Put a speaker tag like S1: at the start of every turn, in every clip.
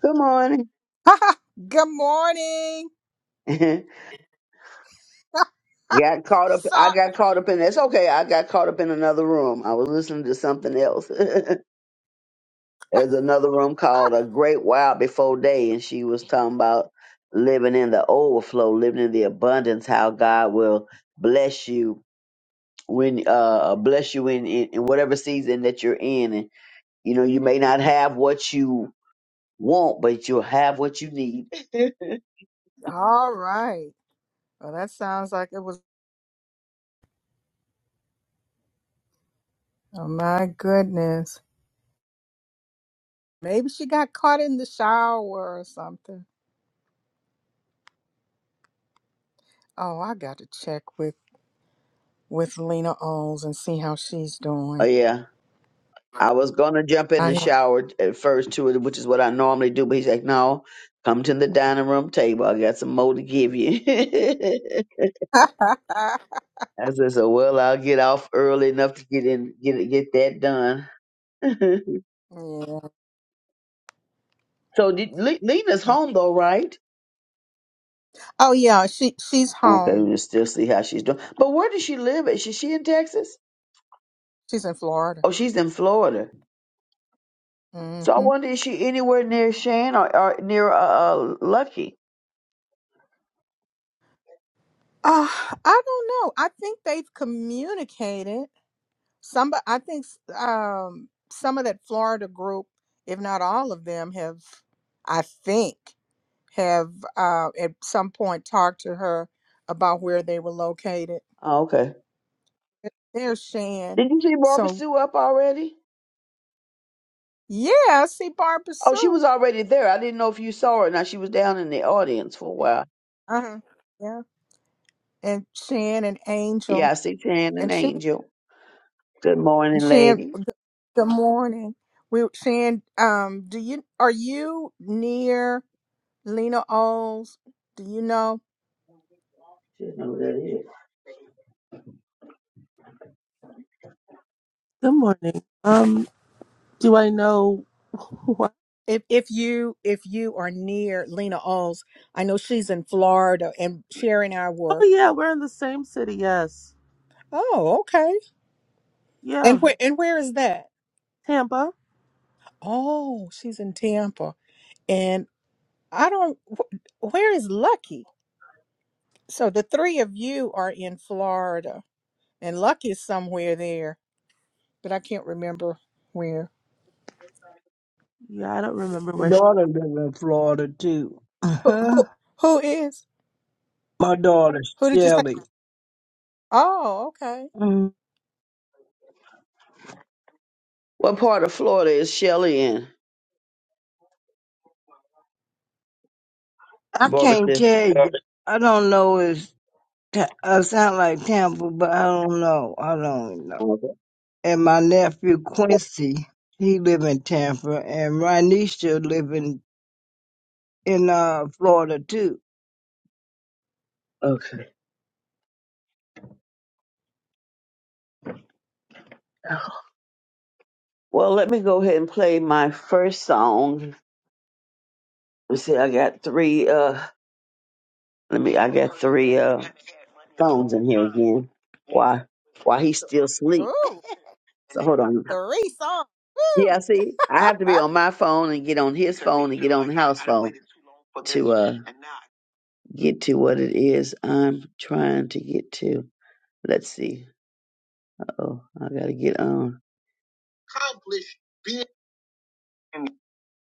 S1: Good morning.
S2: Good morning.
S1: got caught up.
S2: So,
S1: I got caught up in that's okay. I got caught up in another room. I was listening to something else. There's another room called A Great While Before Day, and she was talking about living in the overflow, living in the abundance, how God will bless you when uh bless you in, in, in whatever season that you're in. And you know, you may not have what you want, but you'll have what you need.
S2: all right. Well, that sounds like it was. Oh, my goodness. Maybe she got caught in the shower or something. Oh, I got to check with with Lena Owens and see how she's
S1: Oh
S2: doing.
S1: yeah. I was gonna jump in
S2: I
S1: the
S2: hear-
S1: shower at first too, which is what I normally do, but he's like, No, come to the dining room table. I got some more to give you. I said, So well I'll get off early enough to get in get it- get that done.
S2: yeah.
S1: so did, Le- Lena's
S2: so-
S1: home though, right?
S2: Oh yeah, she she's
S1: Okay, we
S2: home.
S1: can still see how she's doing. But where does she live at? Is she she in Texas?
S2: She's in Florida.
S1: Oh, she's in Florida.
S2: hmm
S1: So I wonder is she anywhere near Shane or, or near uh, uh Lucky?
S2: Uh, I don't know. I think they've communicated. Some, I think s- um, some of that Florida group, if not all of them, have, I think, have uh, at some point talked to her about where they were located.
S1: Oh, okay.
S2: There's Shan.
S1: Did you see Barbara
S2: So
S1: Sue up already?
S2: yeah, I see Barbara
S1: Oh, she
S2: Sue.
S1: was already there. I didn't know if you saw her. Now she was down in the audience for a while.
S2: Uh huh. Yeah, and Shan and
S1: Yeah,
S2: Angel
S1: I see Tan and
S2: and Shan
S1: Angel. Good
S2: and
S1: morning,
S2: Shan.
S1: ladies.
S2: Good morning. We Shan. Um, do you are you near Lena Oles? Do you know?
S1: Should know who that is.
S3: Good morning. Um, do I know what?
S2: if if you if you are near Lena Alls, I know she's in Florida, and Sherry and I were.
S3: Oh yeah, we're in the same city. Yes.
S2: Oh, okay. And
S3: Yeah,
S2: where and where is that?
S3: Tampa.
S2: Oh, she's in Tampa, and I don't. wh- Where is Lucky? So the three of you are in Florida, and Lucky is somewhere there, but I can't remember where.
S3: Yeah, I don't remember
S4: My
S3: where. She-
S4: daughter lives in Florida too. Uh-huh.
S2: Who who is?
S4: My daughter
S2: Who did you say?
S4: Shelly.
S2: Oh, okay.
S4: Mm,
S1: What part of Florida is Shelley in?
S4: I
S1: Barbara
S4: can't
S1: said.
S4: tell you. I don't know. It's Ta- I sound like Tampa, but I don't know. I don't know.
S1: Okay.
S4: And my nephew Quincy, he live in Tampa, and Rhanisha live in in uh, Florida too.
S1: Okay. Well, let me go ahead and play my first song. Let's see, I got three. Uh, let me. I got three uh songs in here again. Why? Why he still sleep?
S2: Ooh,
S1: So hold on.
S2: three songs.
S1: Yeah,
S2: Woo!
S1: see, I have to be on my phone and get on his phone and get on the house phone to uh get to what it is I'm trying to get to. Let's see. Oh, I gotta get on.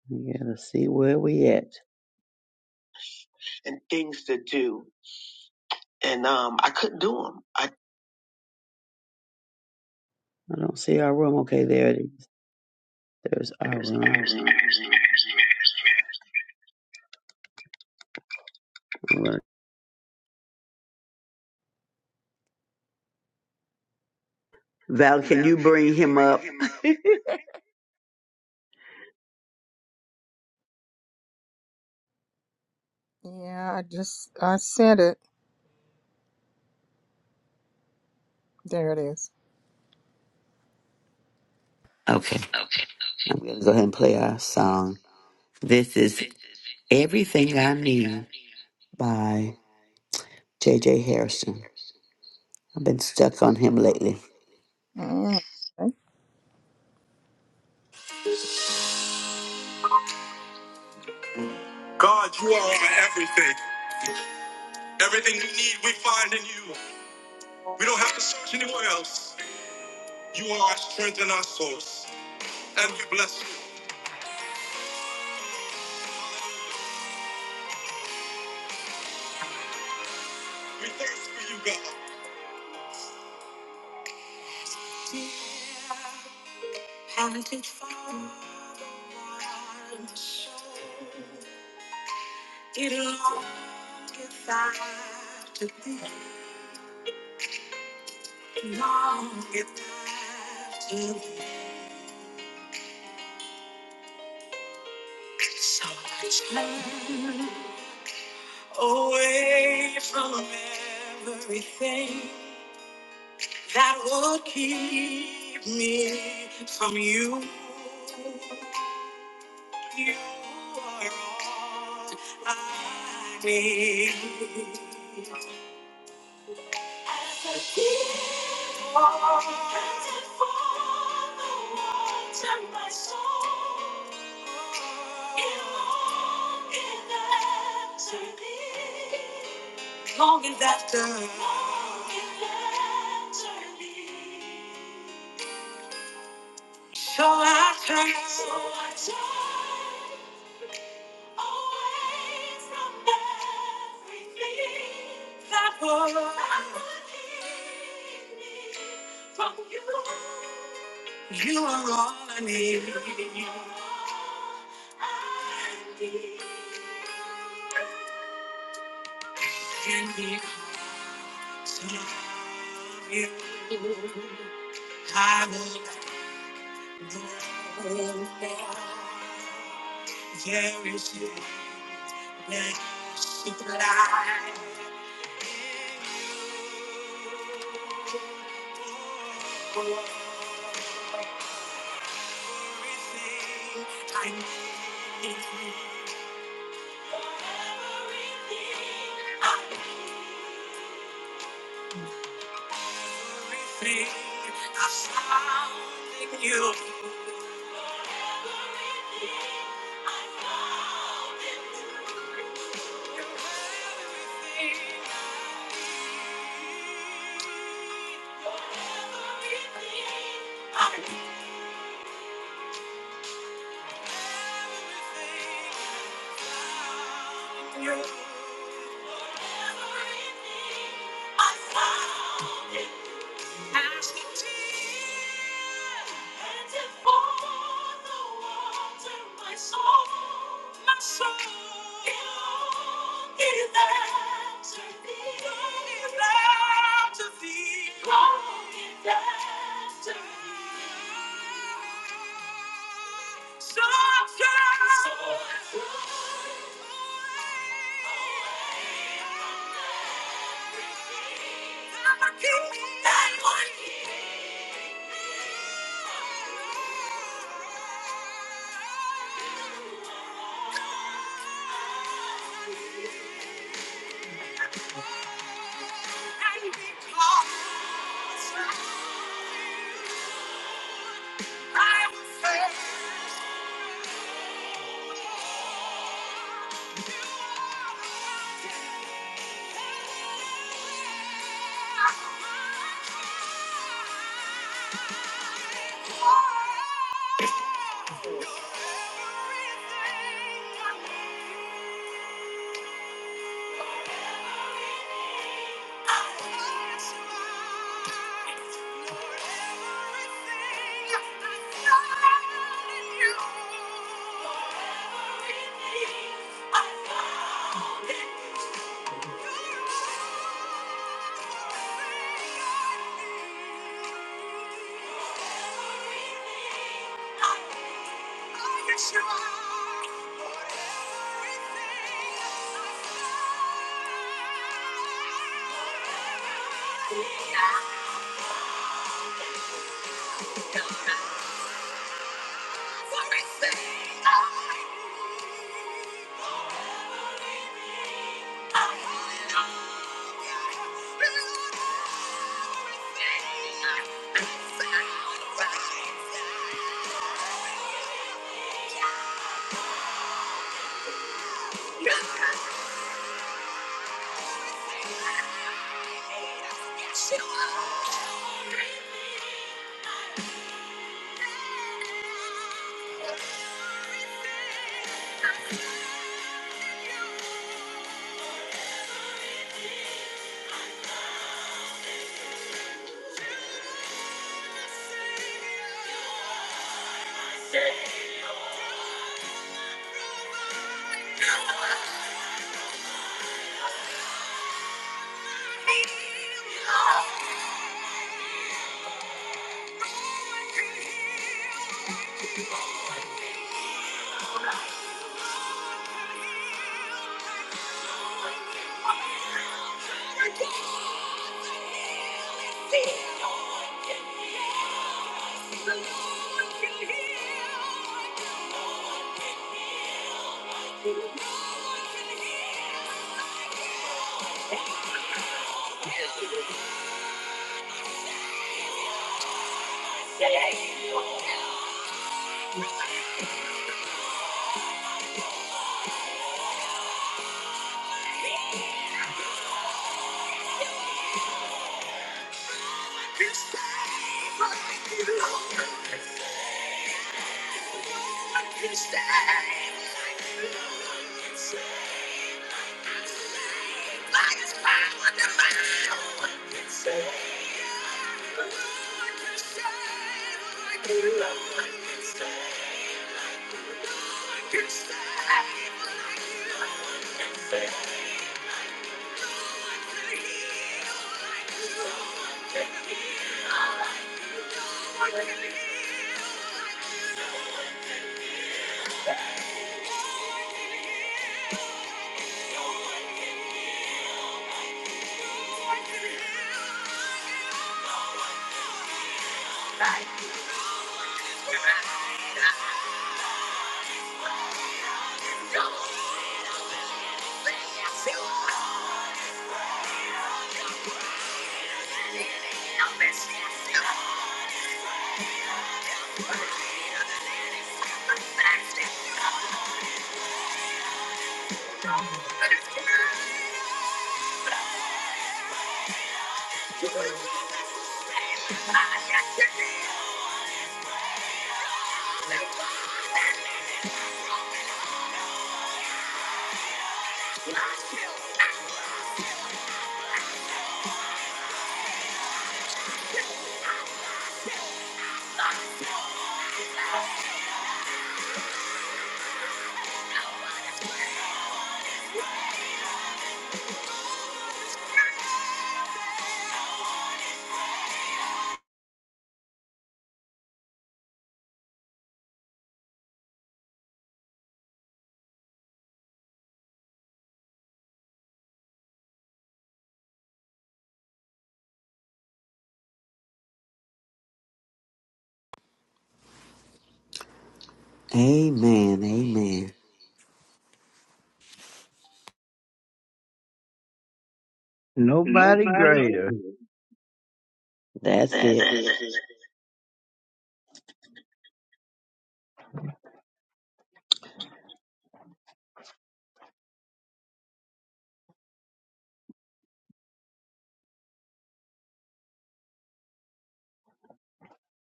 S1: I gotta see where we at. I don't see our room. Okay, there it is. There's our room. All right. Val, can you bring him up?
S2: yeah, I just I sent it. There it is.
S5: Okay. I'm going to go ahead and play our song. This is Everything I Need by J.J. Harrison. I've been stuck on him lately.
S2: Mm.
S5: God, you are our everything. Everything we need, we find in you. We don't have to search anywhere else. You are our strength and our source. And we bless you. We thirst for you, God. Haunted for the soul. It longs to find to be. long if I to be so much time away from everything that would keep me from you. You are all I need. Longing after, so I turn, so I turn. Away from everything that would that would keep me from you. You are all I need. You are all I need. And because of you, I will never know. There is no supply. Everything I need is you. Everything everything, I'm everything I found in you. Everything, everything I need. Everything I found in you. that one. You are for everything. It's time for you. Amen. Amen.
S4: Nobody greater.
S1: That's it.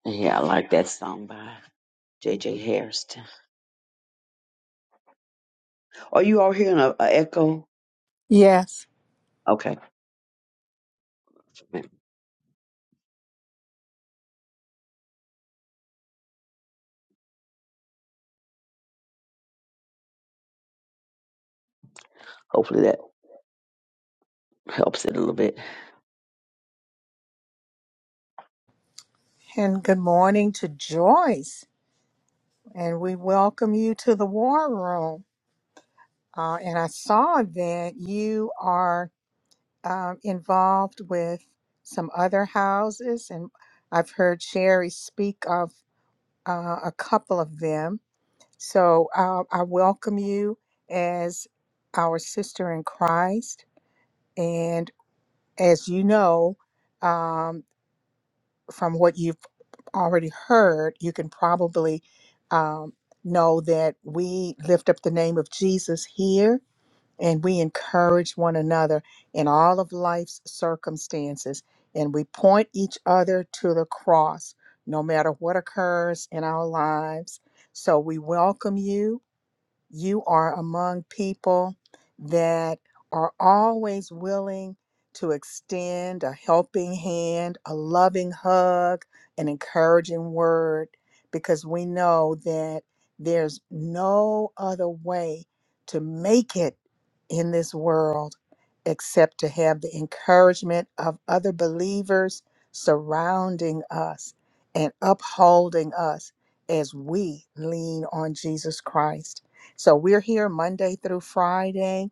S1: Yeah, I like that song by J J Harrison. Are you all hearing a, a echo?
S2: Yes,
S1: Okay, hopefully that helps it a little bit.
S2: and good morning to Joyce, and we welcome you to the War Room. Uh, and I saw that you are um, involved with some other houses, and I've heard Sherry speak of uh, a couple of them. So uh, I welcome you as our sister in Christ, and as you know. um, from what you've already heard, you can probably um, know that we lift up the name of Jesus here and we encourage one another in all of life's circumstances. And we point each other to the cross, no matter what occurs in our lives. So we welcome you you are among people that are always willing to extend a helping hand, a loving hug, an encouraging word, because we know that there's no other way to make it in this world except to have the encouragement of other believers surrounding us and upholding us as we lean on Jesus Christ. So we're here Monday through Friday,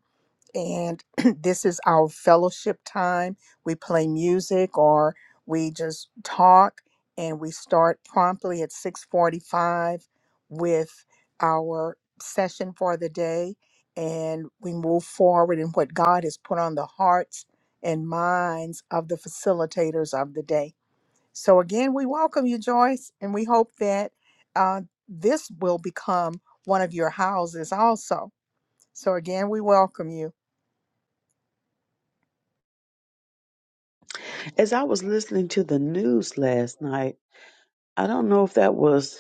S2: and this is our fellowship time. We play music or we just talk, and we start promptly at 6:45 with our session for the day, and we move forward in what God has put on the hearts and minds of the facilitators of the day. So, again, we welcome you, Joyce, and we hope that uh, this will become one of your houses also. So, again, we welcome you.
S1: As I was listening to the news last night, I don't know if that was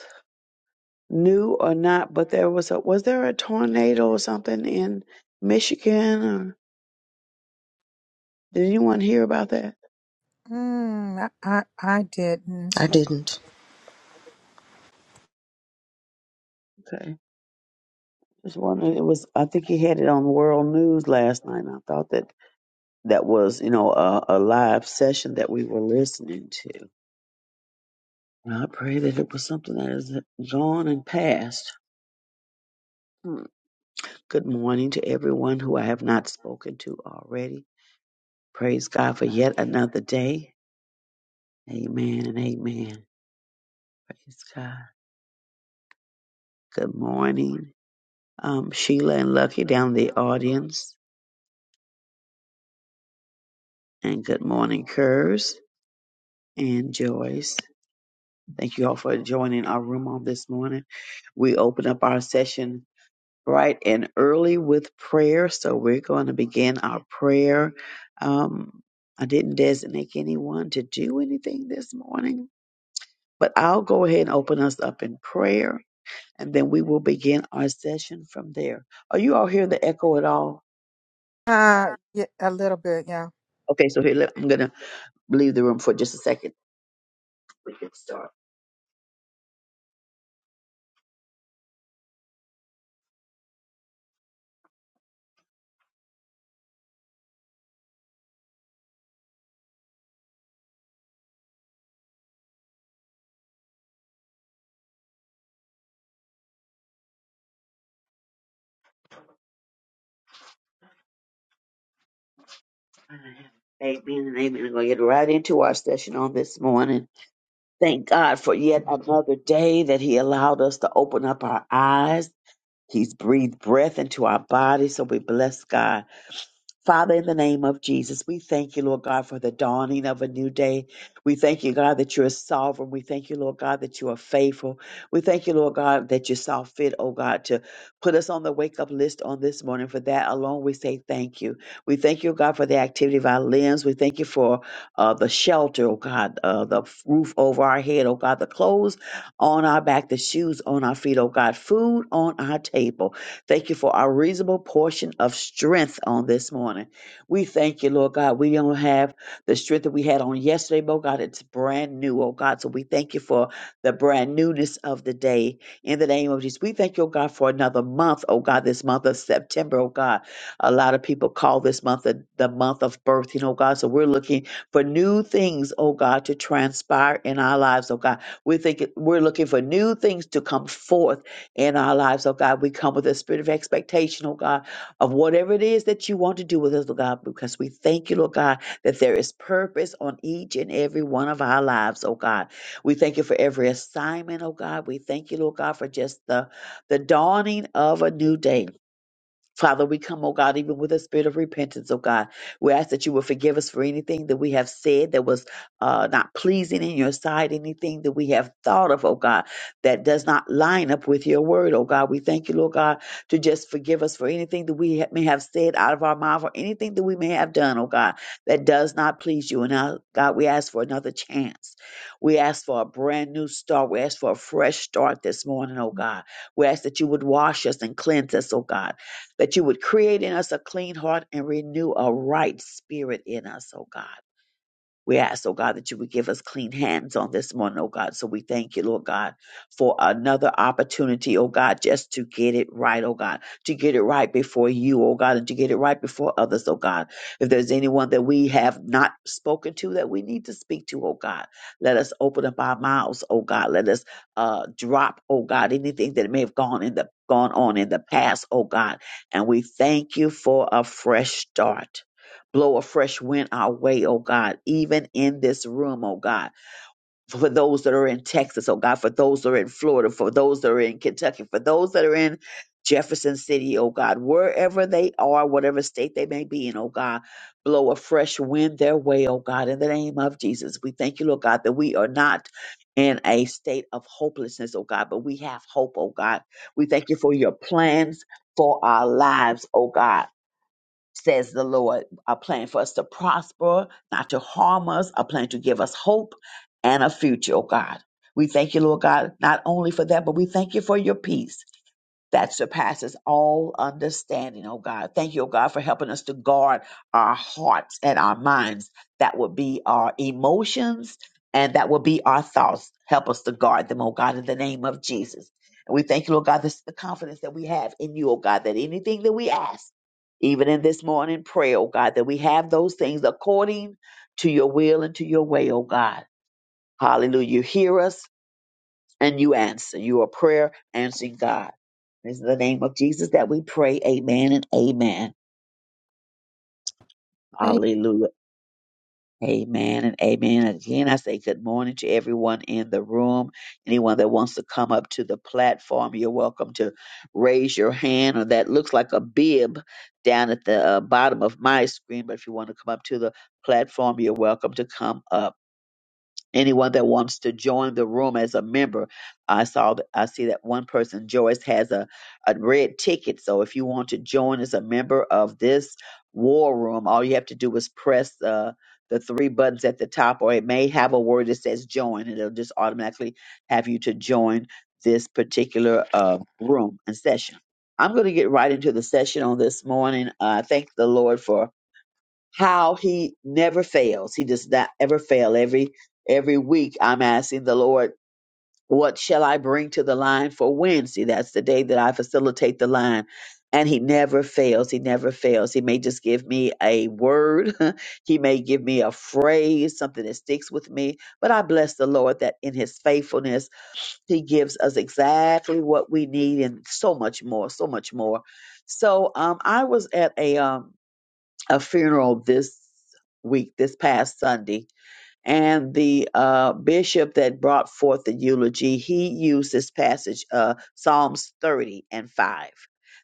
S1: new or not, but there was a was there a tornado or something in Michigan? Or, did anyone hear about that?
S2: Mm, I, I, I didn't.
S6: I didn't.
S1: Okay, just wondering. It was I think he had it on World News last night. And I thought that that was you know a, a live session that we were listening to. And I pray that it was something that is gone and past. Hmm. Good morning to everyone who I have not spoken to already. Praise God for yet another day. Amen and amen. Praise God. Good morning, um, Sheila and Lucky down in the audience. And good morning, Kurz and Joyce. Thank you all for joining our room on this morning. We open up our session bright and early with prayer. So we're going to begin our prayer. Um, I didn't designate anyone to do anything this morning, but I'll go ahead and open us up in prayer and then we will begin our session from there. Are you all hearing the echo at all?
S2: Uh, yeah, a little bit, yeah.
S1: Okay, so here, let, I'm going to leave the room for just a second. We can start. Amen and amen. We're going to get right into our session on this morning. Thank God for yet another day that He allowed us to open up our eyes. He's breathed breath into our body, so we bless God. Father, in the name of Jesus, we thank you, Lord God, for the dawning of a new day. We thank you, God, that you are sovereign. We thank you, Lord God, that you are faithful. We thank you, Lord God, that you saw fit, oh God, to put us on the wake up list on this morning. For that alone, we say thank you. We thank you, God, for the activity of our limbs. We thank you for uh, the shelter, oh God, uh, the roof over our head, oh God, the clothes on our back, the shoes on our feet, oh God, food on our table. Thank you for our reasonable portion of strength on this morning. We thank you, Lord God. We don't have the strength that we had on yesterday, but oh God, it's brand new, oh God. So we thank you for the brand newness of the day. In the name of Jesus, we thank you, oh God, for another month, oh God, this month of September, oh God. A lot of people call this month the, the month of birth, you know, God. So we're looking for new things, oh God, to transpire in our lives, oh God. we think we're looking for new things to come forth in our lives, oh God. We come with a spirit of expectation, oh God, of whatever it is that you want to do with us, oh God, because we thank you, Lord God, that there is purpose on each and every one of our lives, oh God. We thank you for every assignment, oh God. We thank you, Lord God, for just the, the dawning of a new day. Father, we come, oh God, even with a spirit of repentance, oh God. We ask that you will forgive us for anything that we have said that was uh, not pleasing in your sight, anything that we have thought of, oh God, that does not line up with your word, oh God. We thank you, Lord God, to just forgive us for anything that we ha- may have said out of our mouth or anything that we may have done, oh God, that does not please you. And now, God, we ask for another chance. We ask for a brand new start. We ask for a fresh start this morning, oh God. We ask that you would wash us and cleanse us, oh God that you would create in us a clean heart and renew a right spirit in us, oh God. We ask, oh God, that you would give us clean hands on this morning, oh God. So we thank you, Lord God, for another opportunity, oh God, just to get it right, oh God, to get it right before you, oh God, and to get it right before others, oh God. If there's anyone that we have not spoken to that we need to speak to, oh God, let us open up our mouths, oh God. Let us uh, drop, oh God, anything that may have gone in the gone on in the past, oh God. And we thank you for a fresh start. Blow a fresh wind our way, oh God, even in this room, oh God. For those that are in Texas, oh God, for those that are in Florida, for those that are in Kentucky, for those that are in Jefferson City, oh God, wherever they are, whatever state they may be in, oh God, blow a fresh wind their way, oh God, in the name of Jesus. We thank you, Lord God, that we are not in a state of hopelessness, oh God, but we have hope, oh God. We thank you for your plans for our lives, oh God says the Lord, a plan for us to prosper, not to harm us, a plan to give us hope and a future, oh God. We thank you, Lord God, not only for that, but we thank you for your peace that surpasses all understanding, oh God. Thank you, oh God, for helping us to guard our hearts and our minds. That would be our emotions and that would be our thoughts. Help us to guard them, oh God, in the name of Jesus. And we thank you, Lord God, this is the confidence that we have in you, oh God, that anything that we ask, even in this morning prayer, oh God, that we have those things according to your will and to your way, oh God. Hallelujah. You hear us and you answer. You are prayer answering God. It's in the name of Jesus that we pray. Amen and amen.
S2: Hey,
S1: Hallelujah. Amen and amen. Again, I say good morning to everyone in the room. Anyone that wants to come up to the platform, you're welcome to raise your hand or that looks like a bib down at the uh, bottom of my screen. But if you want to come up to the platform, you're welcome to come up. anyone that wants to join the room as a member i saw that i see that one person joyce has a, a red ticket so if you want to join as a member of this war room all you have to do is press uh, the three buttons at the top or it may have a word that says join and it'll just automatically have you to join this particular uh, room and session i'm going to get right into the session on this morning i thank the lord for how he never fails. He does not ever fail. Every every week I'm asking the Lord, what shall I bring to the line for Wednesday? That's the day that I facilitate the line. And he never fails. He never fails. He may just give me a word. he may give me a phrase, something that sticks with me. But I bless the Lord that in his faithfulness, he gives us exactly what we need and so much more, so much more. So um, I was at a um, a funeral this week, this past Sunday. And the uh, bishop that brought forth the eulogy, he used this passage, uh, Psalms 30 and 5.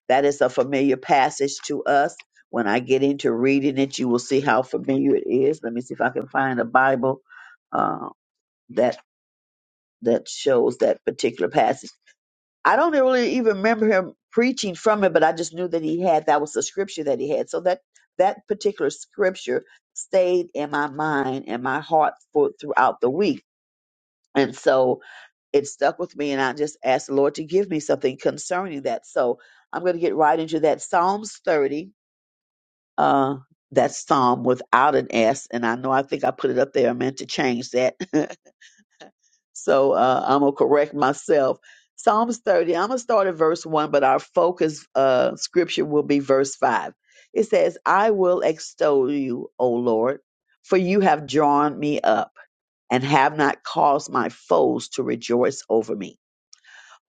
S1: That is a familiar passage to us. When I get into reading it, you will see how familiar it is. Let me see if I can find a Bible uh, that that shows that particular passage. I don't really even remember him preaching from it, but I just knew that he had that was the scripture that he had. So that that particular scripture stayed in my mind and my heart for throughout the week. And so it stuck with me and I just asked the Lord to give me something concerning that. So I'm gonna get right into that. Psalms thirty, uh that psalm without an S, and I know I think I put it up there. I meant to change that. So uh, I'm going to correct myself. Psalms 30, I'm going to start at verse 1, but our focus uh, scripture will be verse 5. It says, I will extol you, O Lord, for you have drawn me up and have not caused my foes to rejoice over me.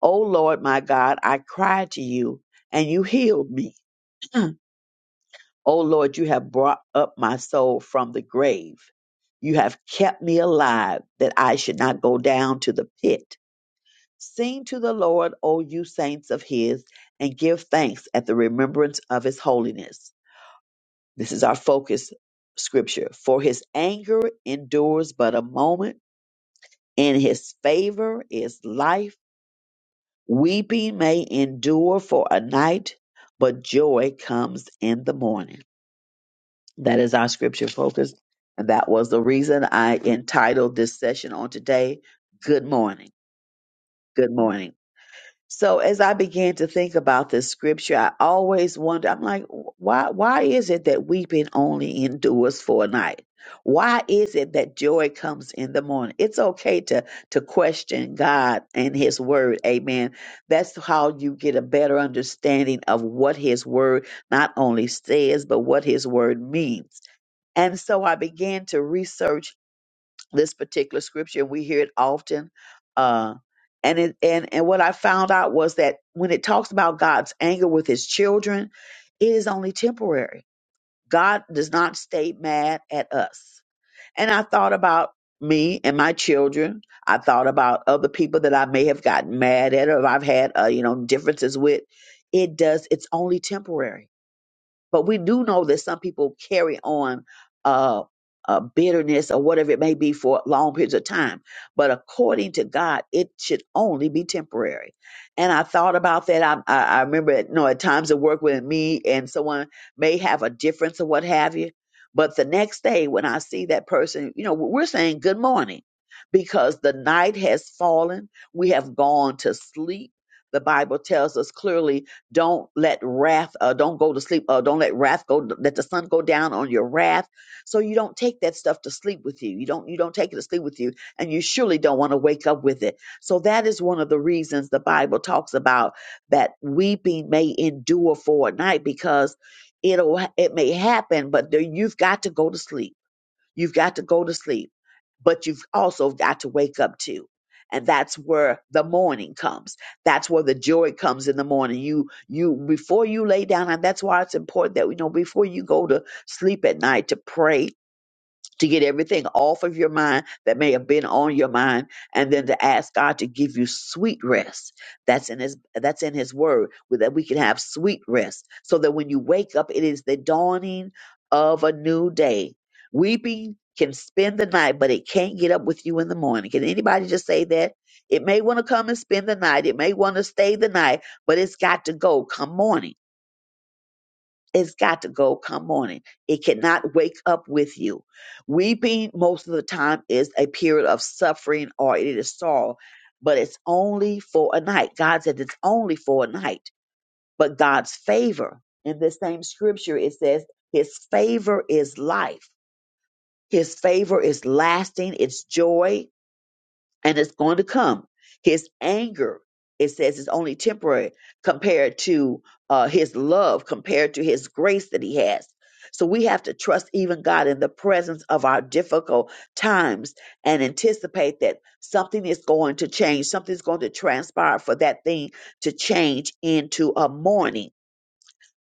S1: O Lord, my God, I cried to you and you healed me. O Lord, you have brought up my soul from the grave. You have kept me alive that I should not go down to the pit. Sing to the Lord, O you saints of his, and give thanks at the remembrance of his holiness. This is our focus scripture. For his anger endures but a moment, in his favor is life. Weeping may endure for a night, but joy comes in the morning. That is our scripture focus. And that was the reason I entitled this session on today, Good Morning. Good Morning. So as I began to think about this scripture, I always wonder, I'm like, why why is it that weeping only endures for a night? Why is it that joy comes in the morning? It's okay to to question God and his word. Amen. That's how you get a better understanding of what his word not only says, but what his word means. And so I began to research this particular scripture. We hear it often. Uh, and it, and and what I found out was that when it talks about God's anger with His children, it is only temporary. God does not stay mad at us. And I thought about me and my children. I thought about other people that I may have gotten mad at or I've had uh, you know differences with. It does. It's only temporary but we do know that some people carry on uh, uh, bitterness or whatever it may be for long periods of time. But according to God, it should only be temporary. And I thought about that. I, I, I remember, you know, at times at work when me and someone may have a difference or what have you. But the next day when I see that person, you know, we're saying good morning because the night has fallen. We have gone to sleep. The Bible tells us clearly don't let wrath, uh, don't go to sleep. Uh, don't let wrath go, let the sun go down on your wrath. So you don't take that stuff to sleep with you. You don't, you don't take it to sleep with you. And you surely don't want to wake up with it. So that is one of the reasons the Bible talks about that weeping may endure for a night because it'll, it may happen, but there- you've got to go to sleep You've got to go to sleep, but you've also got to wake up too. And that's where the morning comes. That's where the joy comes in the morning. You, you, before you lay down, and that's why it's important that we know before you go to sleep at night to pray to get everything off of your mind that may have been on your mind and then to ask God to give you sweet rest that's in his that's in his word with- that we can have sweet rest so that when you wake up it is the dawning of a new day weeping can spend the night but it can't get up with you in the morning can anybody just say that it may want to come and spend the night it may want to stay the night but it's got to go come morning it's got to go come morning. It cannot wake up with you. Weeping most of the time is a period of suffering or it is sorrow, but it's only for a night. God said it's only for a night, but God's favor in this same scripture, it says his favor is life. His favor is lasting. It's joy and it's going to come. His anger, it says, is only temporary compared to uh, his love, compared to his grace that he has. So we have to trust even God in the presence of our difficult times and anticipate that something is going to change, something's going to transpire for that thing to change into a morning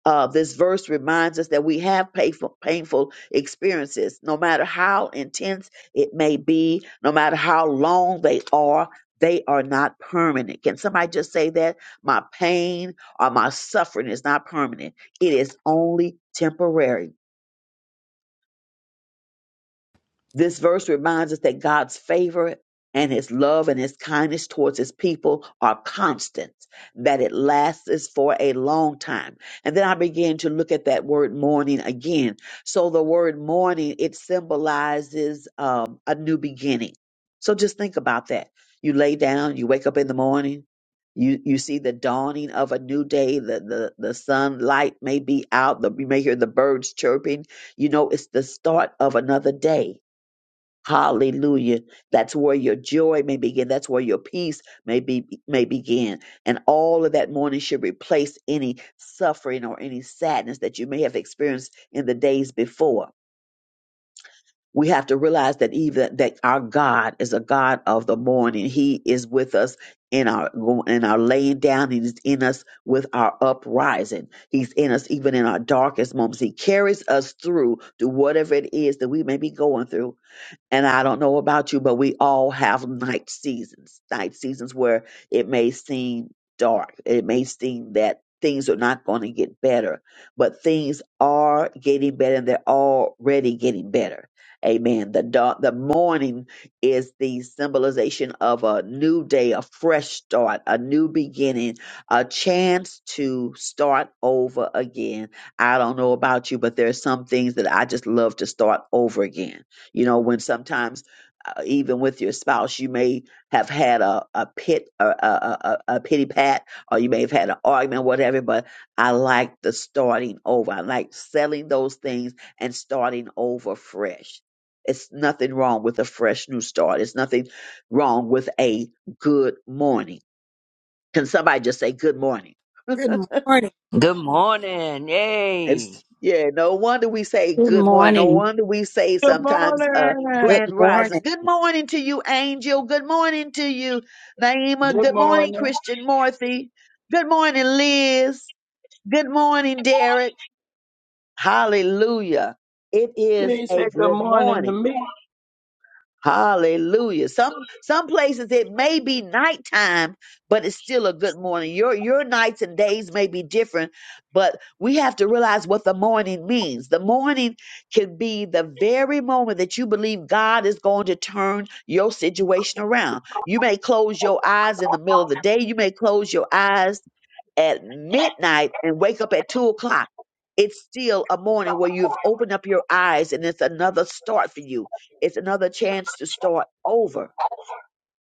S1: uh, this verse reminds us that we have painful, painful experiences, no matter how intense it may be, no matter how long they are, they are not permanent. Can somebody just say that? My pain or my suffering is not permanent, it is only temporary. This verse reminds us that God's favor and his love and his kindness towards his people are constant, that it lasts for a long time. And then I began to look at that word morning again. So the word morning, it symbolizes um, a new beginning. So just think about that. You lay down, you wake up in the morning, you, you see the dawning of a new day, the, the, the sunlight may be out, the, you may hear the birds chirping. You know, it's the start of another day Hallelujah. That's where your joy may begin. That's where your peace may be may begin. And all of that mourning should replace any suffering or any sadness that you may have experienced in the days before. We have to realize that even that our God is a God of the morning. He is with us in our in our laying down. He's in us with our uprising. He's in us even in our darkest moments. He carries us through to whatever it is that we may be going through and I don't know about you, but we all have night seasons, night seasons where it may seem dark. It may seem that things are not going to get better, but things are getting better and they're already getting better. Amen. The dark, the morning is the symbolization of a new day, a fresh start, a new beginning, a chance to start over again. I don't know about you, but there are some things that I just love to start over again you know, when sometimes uh, even with your spouse, you may have had a a pit a, a a a a pity pat, or you may have had an argument, whatever. But I like the starting over. I like selling those things and starting over fresh. It's nothing wrong with a fresh new start. It's nothing wrong with a good morning. Can somebody just say good morning?
S2: Good morning.
S7: Good morning. Yay.
S1: It's, yeah, no wonder we say
S8: Good
S1: good morning. No
S8: morning.
S1: wonder we say
S4: Good
S1: sometimes uh,
S4: morning.
S9: Good
S1: grand rising.
S9: morning.
S1: Good morning to you, Angel. Good morning to you, Naima.
S10: Good
S1: Good morning,
S10: morning.
S1: Christian Morthy. Good morning, Liz. Good morning, Derek. Hallelujah. It
S10: You
S1: is
S10: ain't
S1: a
S10: say good
S1: good
S10: morning to
S1: morning.
S10: me.
S1: Hallelujah. Some some places it may be nighttime, but it's still a good morning. Your your nights and days may be different, but we have to realize what the morning means. The morning can be the very moment that you believe God is going to turn your situation around. You may close your eyes in the middle of the day. You may close your eyes at midnight and wake up at two o'clock, it's still a morning where you've opened up your eyes and it's another start for you. It's another chance to start over.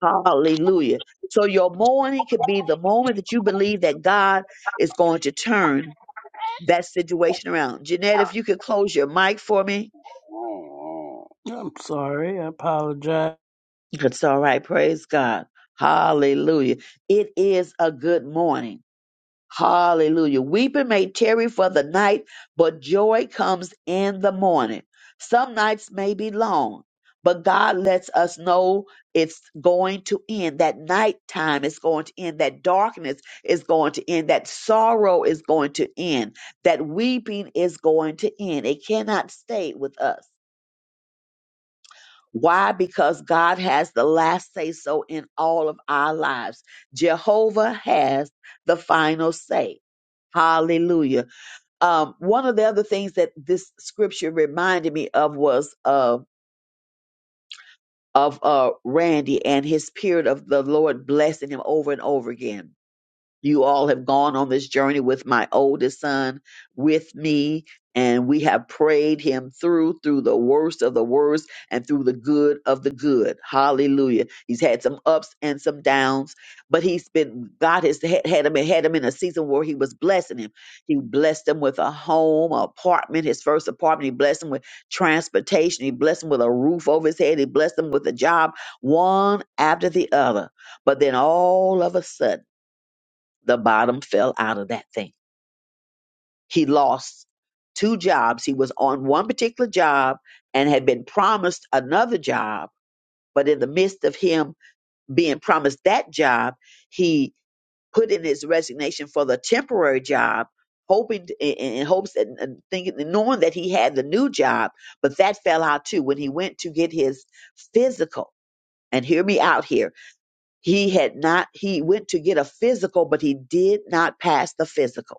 S1: Hallelujah. So your morning could be the moment that you believe that God is going to turn that situation around. Jeanette, if you could close your mic for me.
S10: Mm, mm. I'm sorry. I apologize.
S1: It's all right. Praise God. Hallelujah. It is a good morning. Hallelujah. Weeping may tarry for the night, but joy comes in the morning. Some nights may be long, but God lets us know it's going to end. That nighttime is going to end. That darkness is going to end. That sorrow is going to end. That weeping is going to end. It cannot stay with us. Why? Because God has the last say so in all of our lives. Jehovah has the final say. Hallelujah. Um, one of the other things that this scripture reminded me of was uh, of uh, Randy and his period of the Lord blessing him over and over again you all have gone on this journey with my oldest son with me and we have prayed him through through the worst of the worst and through the good of the good hallelujah he's had some ups and some downs but he's been god has had, had him had him in a season where he was blessing him he blessed him with a home a apartment his first apartment he blessed him with transportation he blessed him with a roof over his head he blessed him with a job one after the other but then all of a sudden the bottom fell out of that thing. He lost two jobs. He was on one particular job and had been promised another job. But in the midst of him being promised that job, he put in his resignation for the temporary job, hoping in, in hopes that and thinking, knowing that he had the new job. But that fell out too when he went to get his physical. And hear me out here. He had not, he went to get a physical, but he did not pass the physical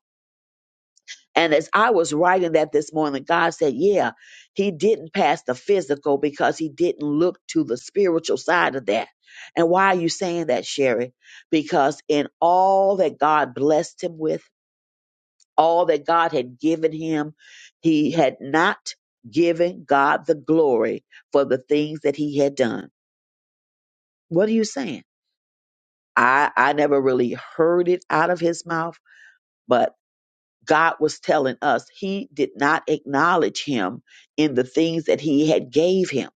S1: And as I was writing that this morning, God said, Yeah, he didn't pass the physical because he didn't look to the spiritual side of that. And why are you saying that, Sherry? Because in all that God blessed him with, all that God had given him, he had not given God the glory for the things that he had done. What are you saying? I, I never really heard it out of his mouth, but." God was telling us he did not acknowledge him in the things that he had gave him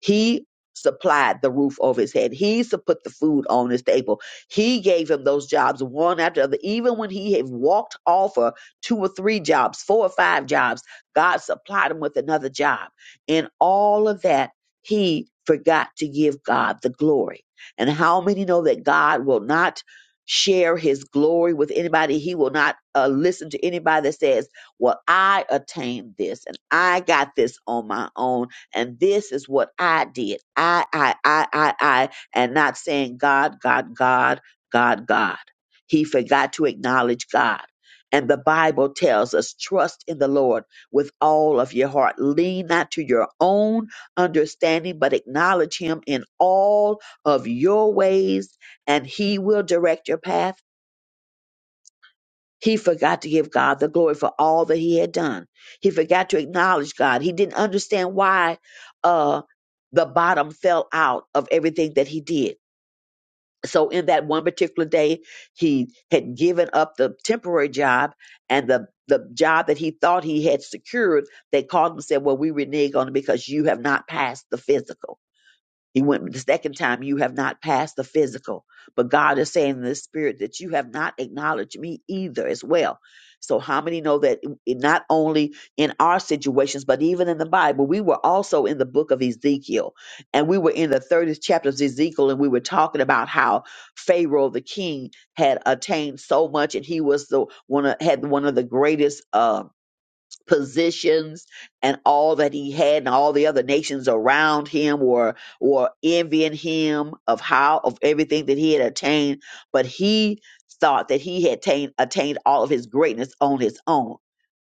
S1: he supplied the roof over his head. He su- put the food on his table. He gave him those jobs one after the other. Even when he had walked off of two or three jobs, four or five jobs, God supplied him with another job. In all of that, he forgot to give God the glory. And how many know that God will not share his glory with anybody? He will not uh, listen to anybody that says, Well, I attained this and I got this on my own and this is what I did. I, I, I, I, I, and not saying God, God, God, God, God. He forgot to acknowledge God. And the Bible tells us, trust in the Lord with all of your heart. Lean not to your own understanding, but acknowledge Him in all of your ways, and He will direct your path he forgot to give God the glory for all that he had done. He forgot to acknowledge God. He didn't understand why uh, the bottom fell out of everything that he did. So, in that one particular day, he had given up the temporary job and the the job that he thought he had secured. They called him and said, "Well, we renege on it because you have not passed the physical." He went the second time, you have not passed the physical. But God is saying in the spirit that you have not acknowledged me either as well. So how many know that in- not only in our situations, but even in the Bible, we were also in the book of Ezekiel and we were in the 30th chapter of Ezekiel and we were talking about how Pharaoh, the king had attained so much and he was the one of, had one of the greatest, um positions and all that he had and all the other nations around him were were envying him of how of everything that he had attained but he thought that he had attained attained all of his greatness on his own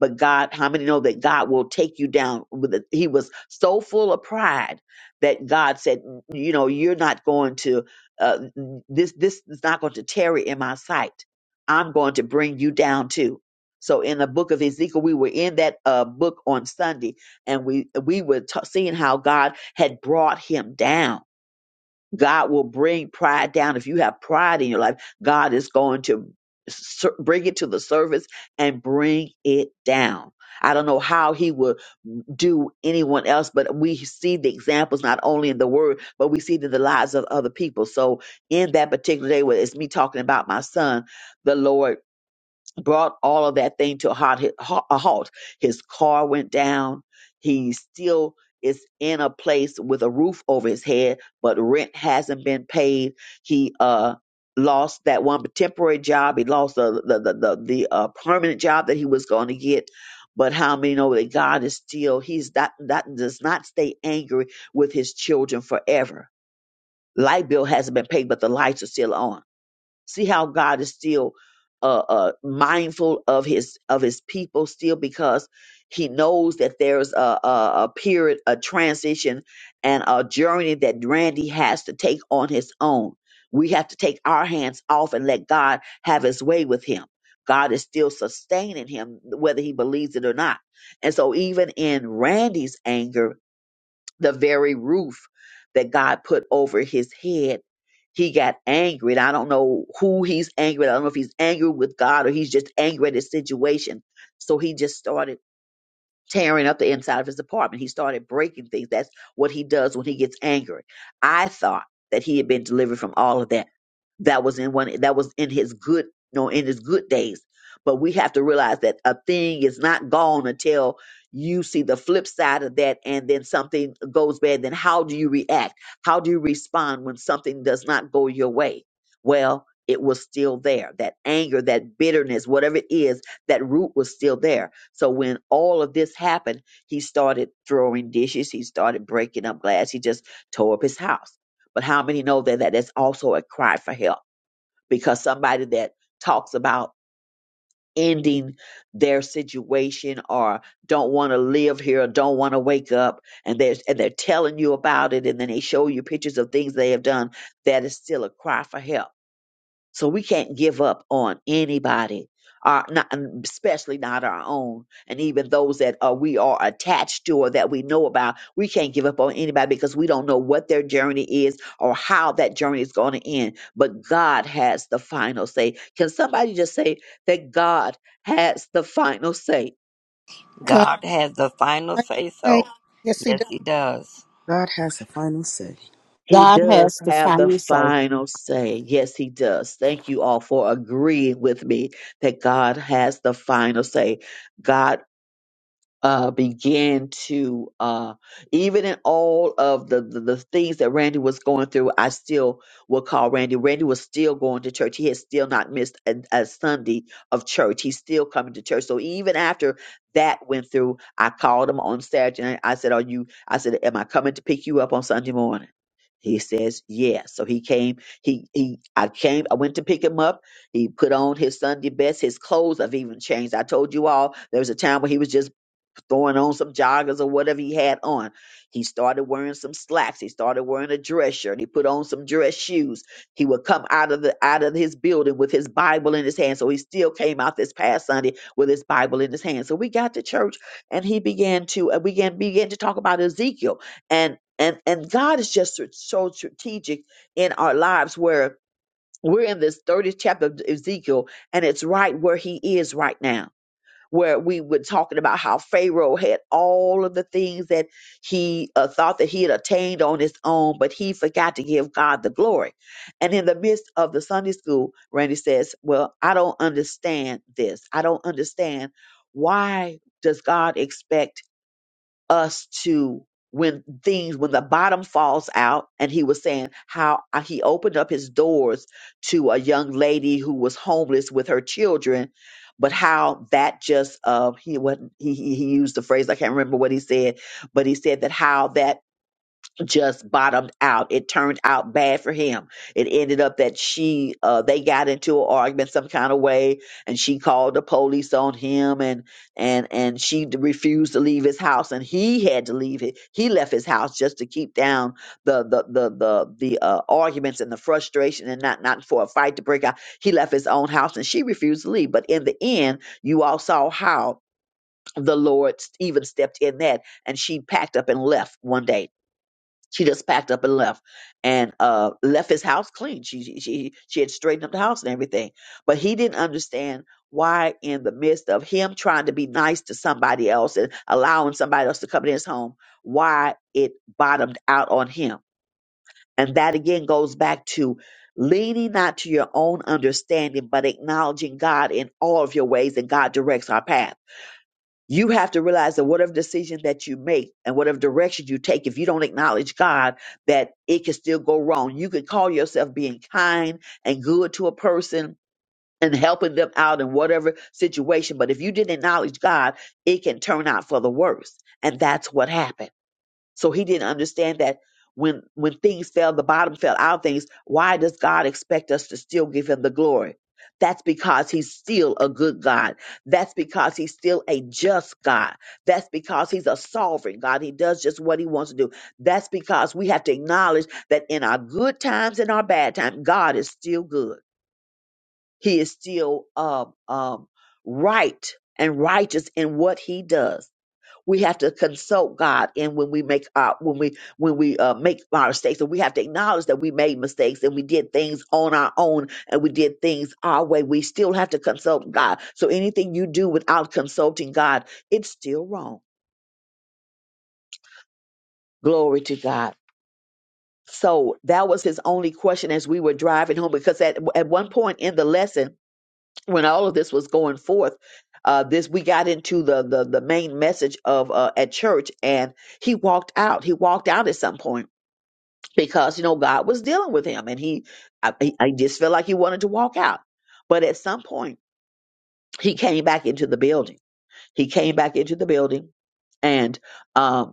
S1: but God, how many know that God will take you down? With the, he was so full of pride that God said, "You know, you're not going to uh, this. This is not going to tarry in my sight. I'm going to bring you down too." So in the book of Ezekiel, we were in that uh, book on Sunday, and we we were t- seeing how God had brought him down. God will bring pride down. If you have pride in your life, God is going to sur- bring it to the surface and bring it down. I don't know how he will do anyone else, but we see the examples not only in the word, but we see it in the lives of other people. So in that particular day, where it's me talking about my son, the Lord brought all of that thing to a, hot, a halt. His car went down. He still is in a place with a roof over his head, but rent hasn't been paid. He uh lost that one temporary job. He lost the the the the, the uh, permanent job that he was going to get. But how many know that God is still? He's not that does not stay angry with his children forever. Light bill hasn't been paid, but the lights are still on See how God is still uh, uh, mindful of his of his people still because he knows that there's a, a, a period, a transition, and a journey that Randy has to take on his own. We have to take our hands off and let God have his way with him. God is still sustaining him, whether he believes it or not. And so, even in Randy's anger, the very roof that God put over his head, he got angry. And I don't know who he's angry at. I don't know if he's angry with God or he's just angry at his situation. So he just started tearing up the inside of his apartment. He started breaking things. That's what he does when he gets angry. I thought that he had been delivered from all of that. That was in one. That was in his good, No, in his good days. But we have to realize that a thing is not gone until you see the flip side of that, and then something goes bad. Then how do you react? How do you respond when something does not go your way? Well, it was still there. That anger, that bitterness, whatever it is that root was still there. So when all of this happened, he started throwing dishes, he started breaking up glass, he just tore up his house. But how many know that, that that's also a cry for help? Because somebody that talks about ending their situation or don't want to live here or don't want to wake up and they're and they're telling you about it and then they show you pictures of things they have done, that is still a cry for help so we can't give up on anybody, our, not, and especially not our own, and even those that uh, we are attached to or that we know about. We can't give up on anybody because we don't know what their journey is or how that journey is going to end. But God has the final say. Can somebody just say that God has the final say?
S2: God.
S7: God has the final say so.
S2: Hey, yes, he
S7: Yes,
S2: does.
S7: He does.
S9: God has a final say.
S1: He
S8: God
S1: does
S8: has to
S1: have the
S8: find you safe.
S1: final say. Yes, he does. Thank you all for agreeing with me that God has the final say. God uh, began to uh, even in all of the, the the things that Randy was going through, I still will call Randy. Randy was still going to church. He had still not missed a, a Sunday of church. He's still coming to church. So even after that went through, I called him on Saturday night. I said, "Are you?" I said, "Am I coming to pick you up on Sunday morning?" He says, "Yes." So he came. He he. I came. I went to pick him up. He put on his Sunday best. His clothes have even changed. I told you all there was a time when he was just throwing on some joggers or whatever he had on. He started wearing some slacks. He started wearing a dress shirt. He put on some dress shoes. He would come out of the out of his building with his Bible in his hand. So he still came out this past Sunday with his Bible in his hand. So we got to church and he began to uh, began began to talk about Ezekiel and and and God is just so so strategic in our lives where we're in this 30th chapter of Ezekiel and it's right where he is right now where we were talking about how Pharaoh had all of the things that he uh, thought that he had attained on his own, but he forgot to give God the glory. And in the midst of the Sunday school, Randy says, Well, I don't understand this. I don't understand why does God expect us to when things when the bottom falls out and he was saying how uh, he opened up his doors to a young lady who was homeless with her children but how that just uh he wasn't he he he used the phrase i can't remember what he said but he said that how that just bottomed out. It turned out bad for him. It ended up that she, uh, they got into an argument some kind of way, and she called the police on him, and and and she d- refused to leave his house, and he had to leave it. He left his house just to keep down the the the the the uh, arguments and the frustration, and not not for a fight to break out. He left his own house, and she refused to leave. But in the end, you all saw how the Lord s- even stepped in that, and she packed up and left one day she just packed up and left and uh left his house clean she she she she had straightened up the house and everything but he didn't understand why in the midst of him trying to be nice to somebody else and allowing somebody else to come in his home why it bottomed out on him and that again goes back to leaning not to your own understanding but acknowledging god in all of your ways and god directs our path you have to realize that whatever decision that you make and whatever direction you take, if you don't acknowledge God, that it can still go wrong. You could call yourself being kind and good to a person and helping them out in whatever situation, but if you didn't acknowledge God, it can turn out for the worse. And that's what happened. So he didn't understand that when when things fell, the bottom fell out of things. Why does God expect us to still give him the glory? That's because he's still a good God. That's because he's still a just God. That's because he's a sovereign God. He does just what he wants to do. That's because we have to acknowledge that in our good times and our bad times, God is still good. He is still um, um, right and righteous in what he does we have to consult God, and when we make our when we when we uh, make our mistakes, and we have to acknowledge that we made mistakes and we did things on our own and we did things our way. We still have to consult God. So anything you do without consulting God, it's still wrong. Glory to God. So that was his only question as we were driving home, because at at one point in the lesson, when all of this was going forth, uh, this we got into the the, the main message of uh, at church, and he walked out. He walked out at some point because you know God was dealing with him, and he I, I I just felt like he wanted to walk out. But at some point, he came back into the building. He came back into the building, and um,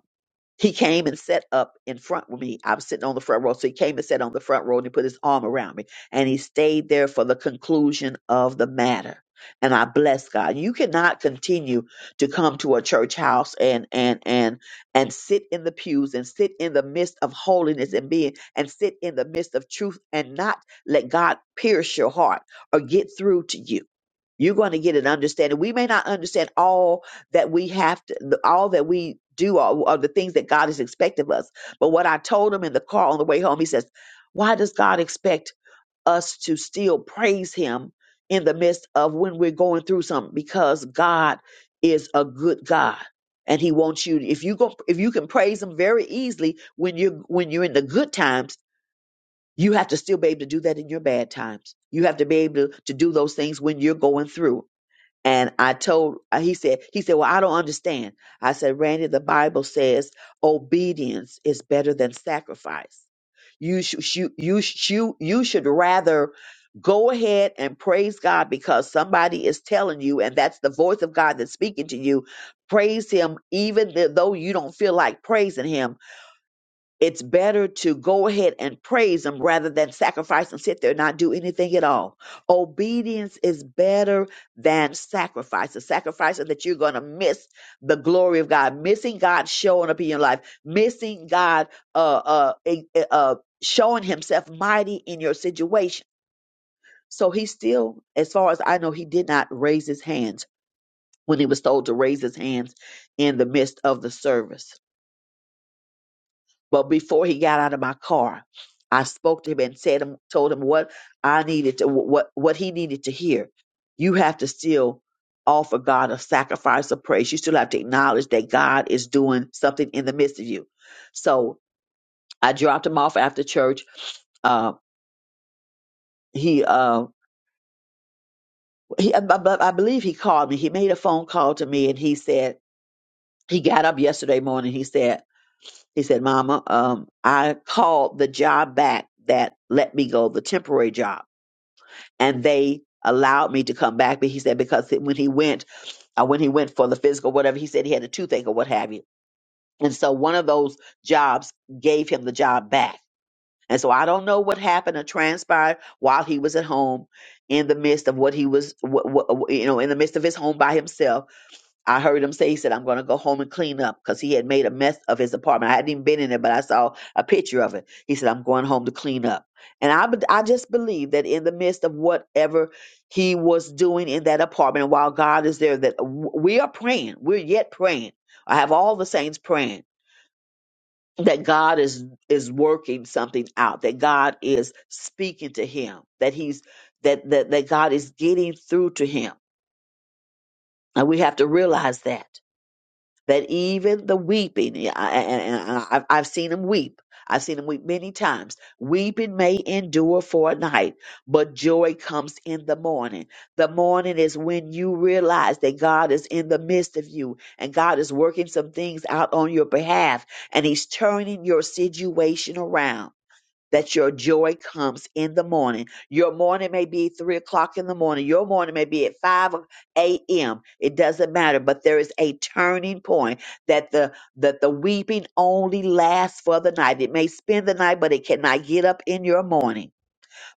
S1: he came and sat up in front with me. I was sitting on the front row. So he came and sat on the front row and he put his arm around me. And he stayed there for the conclusion of the matter. And I bless God. You cannot continue to come to a church house and and and and sit in the pews and sit in the midst of holiness and being and sit in the midst of truth and not let God pierce your heart or get through to you. You're going to get an understanding. We may not understand all that we have to the- all that we do are, are the things that God is expecting of us. But what I told him in the car on the way home, he says, "Why does God expect us to still praise Him in the midst of when we're going through something? Because God is a good God." And he wants you. If you go, if you can praise him very easily when you're when you're in the good times, you have to still be able to do that in your bad times. You have to be able to, to do those things when you're going through. And I told, uh, he said, he said, well, I don't understand. I said, Randy, the Bible says obedience is better than sacrifice. You should, you, you, sh- you, you should rather go ahead and praise God because somebody is telling you, and that's the voice of God that's speaking to you. Praise Him, even th- though you don't feel like praising Him it's better to go ahead and praise him rather than sacrifice and sit there and not do anything at all. Obedience is better than sacrifice. The sacrifice is that you're going to miss the glory of God, missing God showing up in your life, missing God uh, uh, eh, eh, uh, showing himself mighty in your situation. So he still, as far as I know, he did not raise his hands when he was told to raise his hands in the midst of the service. But before he got out of my car, I spoke to him and said him, told him what I needed to what what he needed to hear. You have to still offer God a sacrifice of praise. You still have to acknowledge that God is doing something in the midst of you. So I dropped him off after church. Uh, he, uh, he, I, I I believe he called me. He made a phone call to me, and he said he got up yesterday morning. He said he said, "Mama, um, I called the job back that let me go, the temporary job." and they allowed me to come back. But he said because when he went, uh, when he went for the physical, whatever, he said he had a toothache or what have you. And so one of those jobs gave him the job back. And so I don't know what happened or transpired while he was at home, in the midst of what he was, wh- wh- you know, in the midst of his home by himself I heard him say, he said, I'm going to go home and clean up because he had made a mess of his apartment. I hadn't even been in it, but I saw a picture of it. He said, I'm going home to clean up. And I, be- I just believe that in the midst of whatever he was doing in that apartment, and while God is there, that w- we are praying. We're yet praying. I have all the saints praying that God is is working something out, that God is speaking to him, that he's that that, that God is getting through to him. And we have to realize that. that even the weeping, and and i I've seen them weep. I've seen them weep many times. Weeping may endure for a night, but joy comes in the morning. The morning is when you realize that God is in the midst of you and God is working some things out on your behalf and He's turning your situation around that your joy comes in the morning. Your morning may be three o'clock in the morning. Your morning may be at 5 a.m. It doesn't matter, but there is a turning point that the that the weeping only lasts for the night. It may spend the night, but it cannot get up in your morning.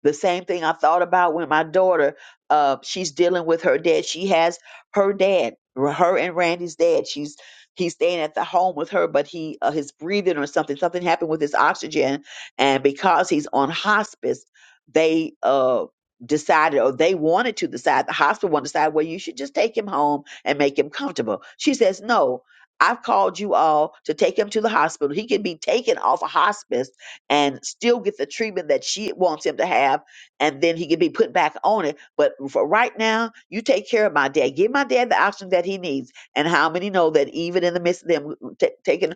S1: The same thing I thought about when my daughter, uh, she's dealing with her dad. She has her dad, her and Randy's dad. She's he's staying at the home with her, but he uh, his breathing or something something happened with his oxygen, and because he's on hospice, they uh decided or they wanted to decide the hospital wanted to decide well you should just take him home and make him comfortable she says no i've called you all to take him to the hospital he can be taken off a hospice and still get the treatment that she wants him to have, and then he can be put back on it. But for right now, you take care of my dad. Give my dad the option that he needs. And how many know that even in the midst of them ta- taking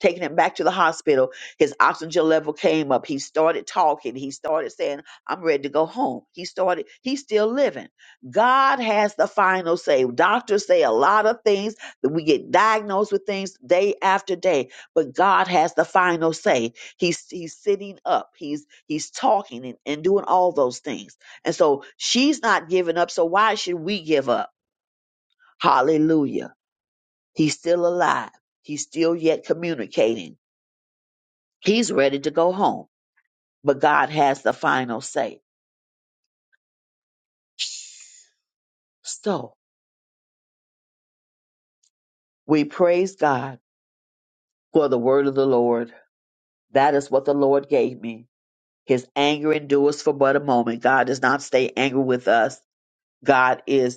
S1: taking him back to the hospital, his oxygen level came up. He started talking. He started saying, "I'm ready to go home." He started. He's still living. God has the final say. Doctors say a lot of things that we get diagnosed with things day after day, but God has the final say He's he's sitting up. He's he's talking and, and doing all those things. And so she's not giving up. So why should we give up? Hallelujah. He's still alive. He's still yet communicating. He's ready to go home. But God has the final say. So we praise God for the word of the Lord. That is what the Lord gave me. His anger endures for but a moment. God does not stay angry with us. God is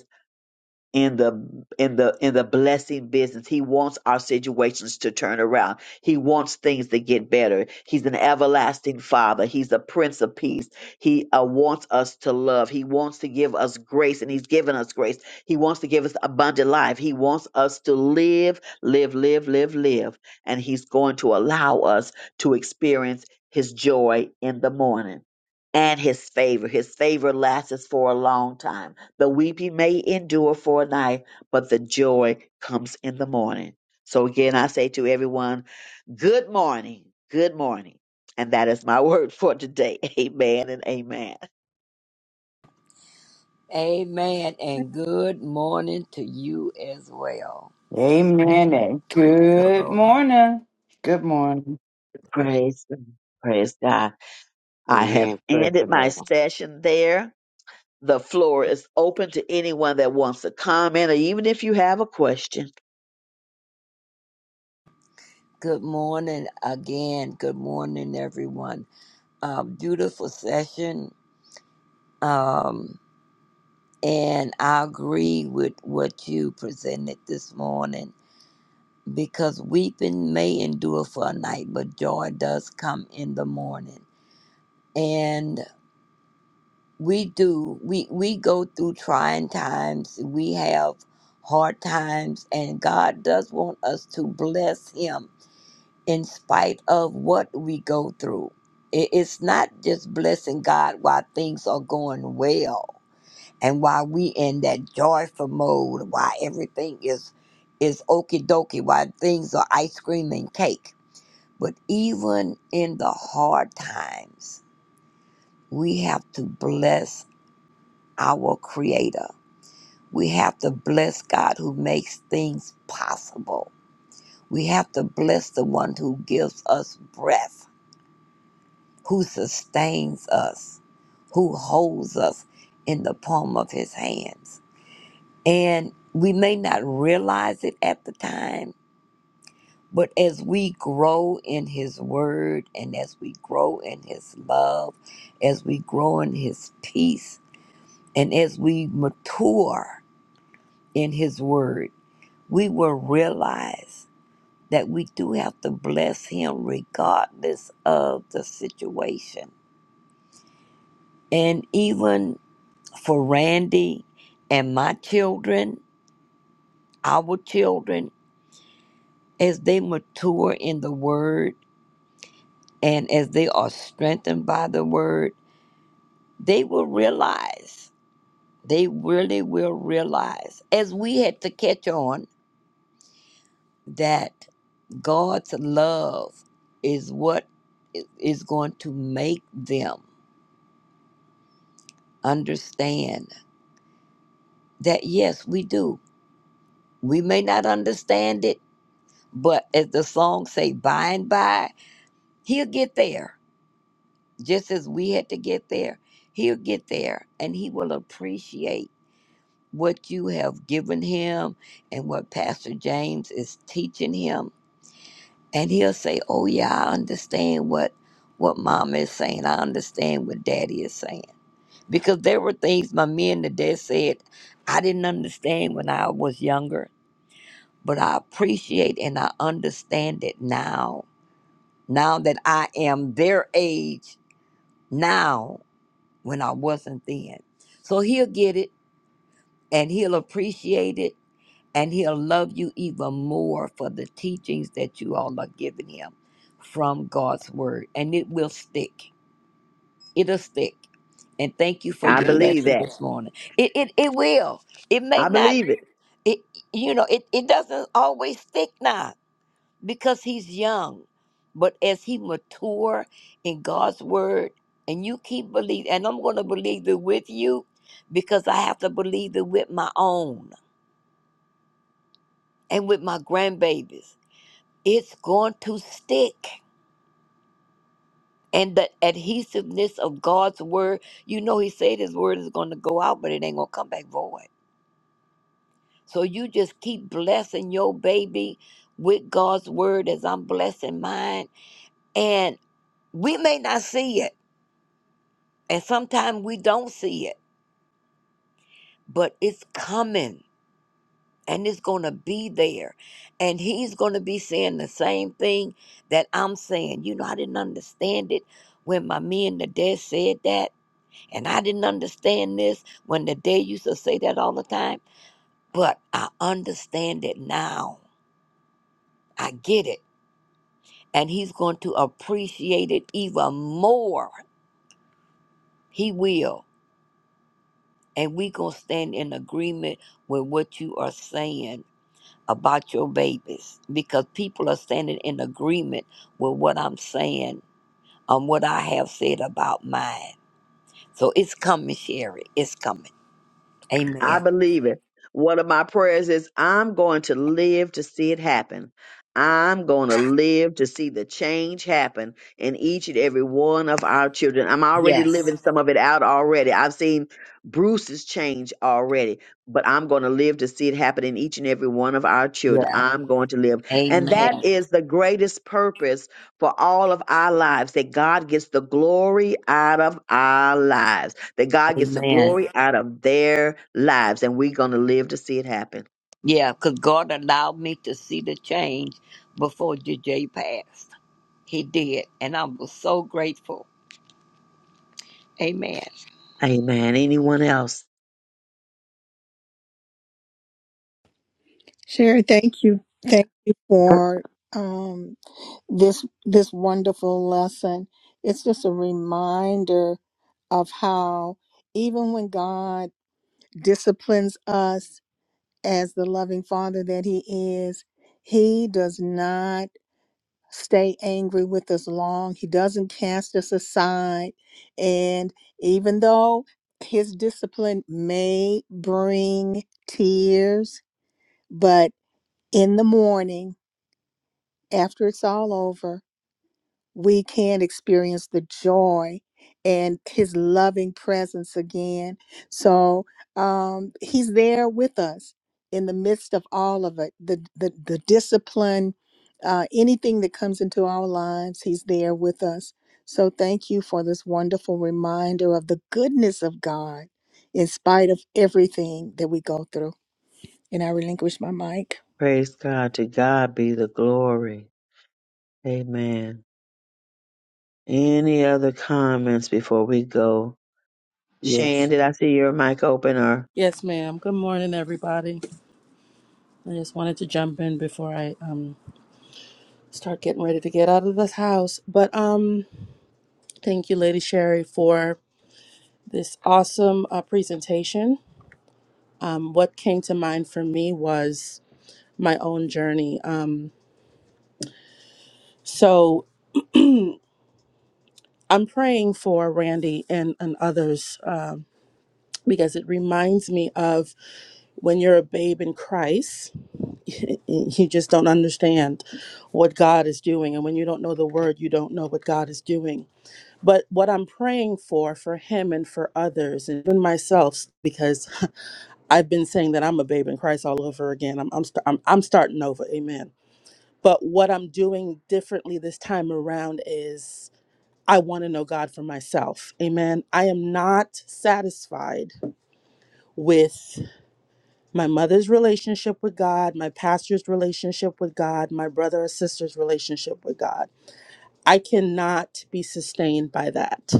S1: in the in the in the blessing business. He wants our situations to turn around. He wants things to get better. He's an everlasting father. He's a prince of peace. He uh, wants us to love. He wants to give us grace and he's given us grace. He wants to give us abundant life. He wants us to live, live, live, live, live and he's going to allow us to experience his joy in the morning and his favor. His favor lasts us for a long time the weeping may endure for a night, but the joy comes in the morning. So again, I say to everyone, good morning, good morning. And that is my word for today. Amen and amen.
S7: Amen. And good morning to you as well.
S11: Amen. and
S7: Praise the
S11: Good
S7: Lord.
S11: morning. Good morning.
S1: Praise, praise God. I have
S12: Amen. Praise the
S1: ended my
S12: Lord.
S1: session there. The floor is open to anyone that wants to comment or even if you have a question.
S7: Good morning again. Good morning, everyone. Uh, beautiful session. Um, and I agree with what you presented this morning because weeping may endure for a night, but joy does come in the morning. And we do we we go through trying times we have hard times and god does want us to bless him in spite of what we go through I- it's not just blessing god while things are going well and while we in that joyful mode while everything is is okie dokie while things are ice cream and cake but even in the hard times we have to bless our creator We have to bless God who makes things possible. We have to bless the one who gives us breath, who sustains us, who holds us in the palm of his hands. And we may not realize it at the time, but as we grow in his word and as we grow in his love, as we grow in his peace, and as we mature in his word, we will realize that we do have to bless him regardless of the situation. And even for Randy and my children, our children, as they mature in the word and as they are strengthened by the word, they will realize, they really will realize, as we had to catch on, that God's love is what is going to make them understand that yes, we do. We may not understand it, but as the song say, by and by, he'll get there. Just as we had to get there, he'll get there and he will appreciate what you have given him and what Pastor James is teaching him. And he'll say, Oh yeah, I understand what what mama is saying. I understand what daddy is saying. Because there were things my men today said I didn't understand when I was younger but I appreciate and I understand it now. Now that I am their age now when I wasn't then. So he'll get it and he'll appreciate it and he'll love you even more for the teachings that you all are giving him from God's word. And it will stick. It'll stick. And thank you for
S1: I
S7: your I believe
S1: believe
S7: lesson
S1: that.
S7: this that. morning. It, it it will. It may I
S1: I
S7: not
S1: believe it.
S7: believe it, it- you know, it, it doesn't always stick now because he's young. But as he mature in God's word, and you keep believing, and I'm going to believe it with you because I have to believe it with my own and with my grandbabies. It's going to stick. And the adhesiveness of God's word, you know, He said His word is going to go out, but it ain't going to come back void. So you just keep blessing your baby with God's word as I'm blessing mine. And we may not see it And sometimes we don't see it, but it's coming and it's going to be there. And he's going to be saying the same thing that I'm saying. You know, I didn't understand it when my men the dad said that. And I didn't understand this when the dad used to say that all the time. But I understand it now. I get it. And he's going to appreciate it even more. He will. And we going to stand in agreement with what you are saying about your babies because people are standing in agreement with what I'm saying on what I have said about mine. So it's coming, Sherry. It's coming.
S1: I
S7: Amen.
S1: believe it. One of my prayers is I'm going to live to see it happen. I'm going to live to see the change happen in each and every one of our children. I'm already
S7: Yes.
S1: living some of it out already. I've seen Bruce's change already, but I'm going to live to see it happen in each and every one of our children.
S7: Yeah.
S1: I'm going to live. And that
S7: Amen.
S1: is the greatest purpose for all of our lives that God gets the glory out of our lives that God gets the
S7: Amen.
S1: glory out of their lives, and we're going to live to see it happen.
S7: Yeah, because God allowed me to see the change before JJ passed. He did. And I was so grateful. Amen.
S1: Amen. Anyone else?
S2: Sherry, thank you. Thank you
S12: Per-
S2: for um, this this wonderful lesson. It's just a reminder of how even when God disciplines us as the loving father that he is, he does not stay angry with us long. He doesn't cast us aside. And even though his discipline may bring tears, but in the morning, after it's all over, we can experience the joy and his loving presence again. So um, he's there with us in the midst of all of it the, the, the discipline, uh, anything that comes into our lives, he's there with us. So thank you for this wonderful reminder of the goodness of God in spite of everything that we go through. And I relinquish my mic.
S1: Praise God. To God be the glory. Amen. Any other comments before we go? Shan,
S12: Yes.
S1: did I see your mic open or?
S3: yes, ma'am. Good morning, everybody. I just wanted to jump in before I um start getting ready to get out of this house. But um, thank you, Lady Sherry, for this awesome uh, presentation. Um, what came to mind for me was my own journey. Um, so I'm praying for Randy and and others. Um because it reminds me of when you're a babe in Christ, you just don't understand what God is doing. And when you don't know the word, you don't know what God is doing. But what I'm praying for, for him and for others, and even myself, because I've been saying that I'm a babe in Christ all over again. I'm, I'm, st- I'm, I'm starting over. Amen. But what I'm doing differently this time around is I want to know God for myself. Amen. I am not satisfied with my mother's relationship with God, my pastor's relationship with God, my brother or sister's relationship with God. I cannot be sustained by that.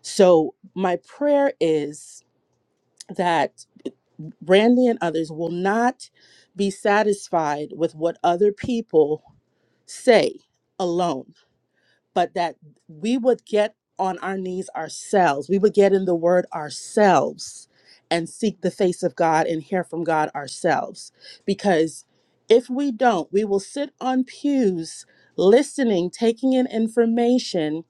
S3: So, my prayer is that Randy and others will not be satisfied with what other people say alone but that we would get on our knees ourselves. We would get in the word ourselves and seek the face of God and hear from God ourselves. Because if we don't, we will sit on pews listening, taking in information,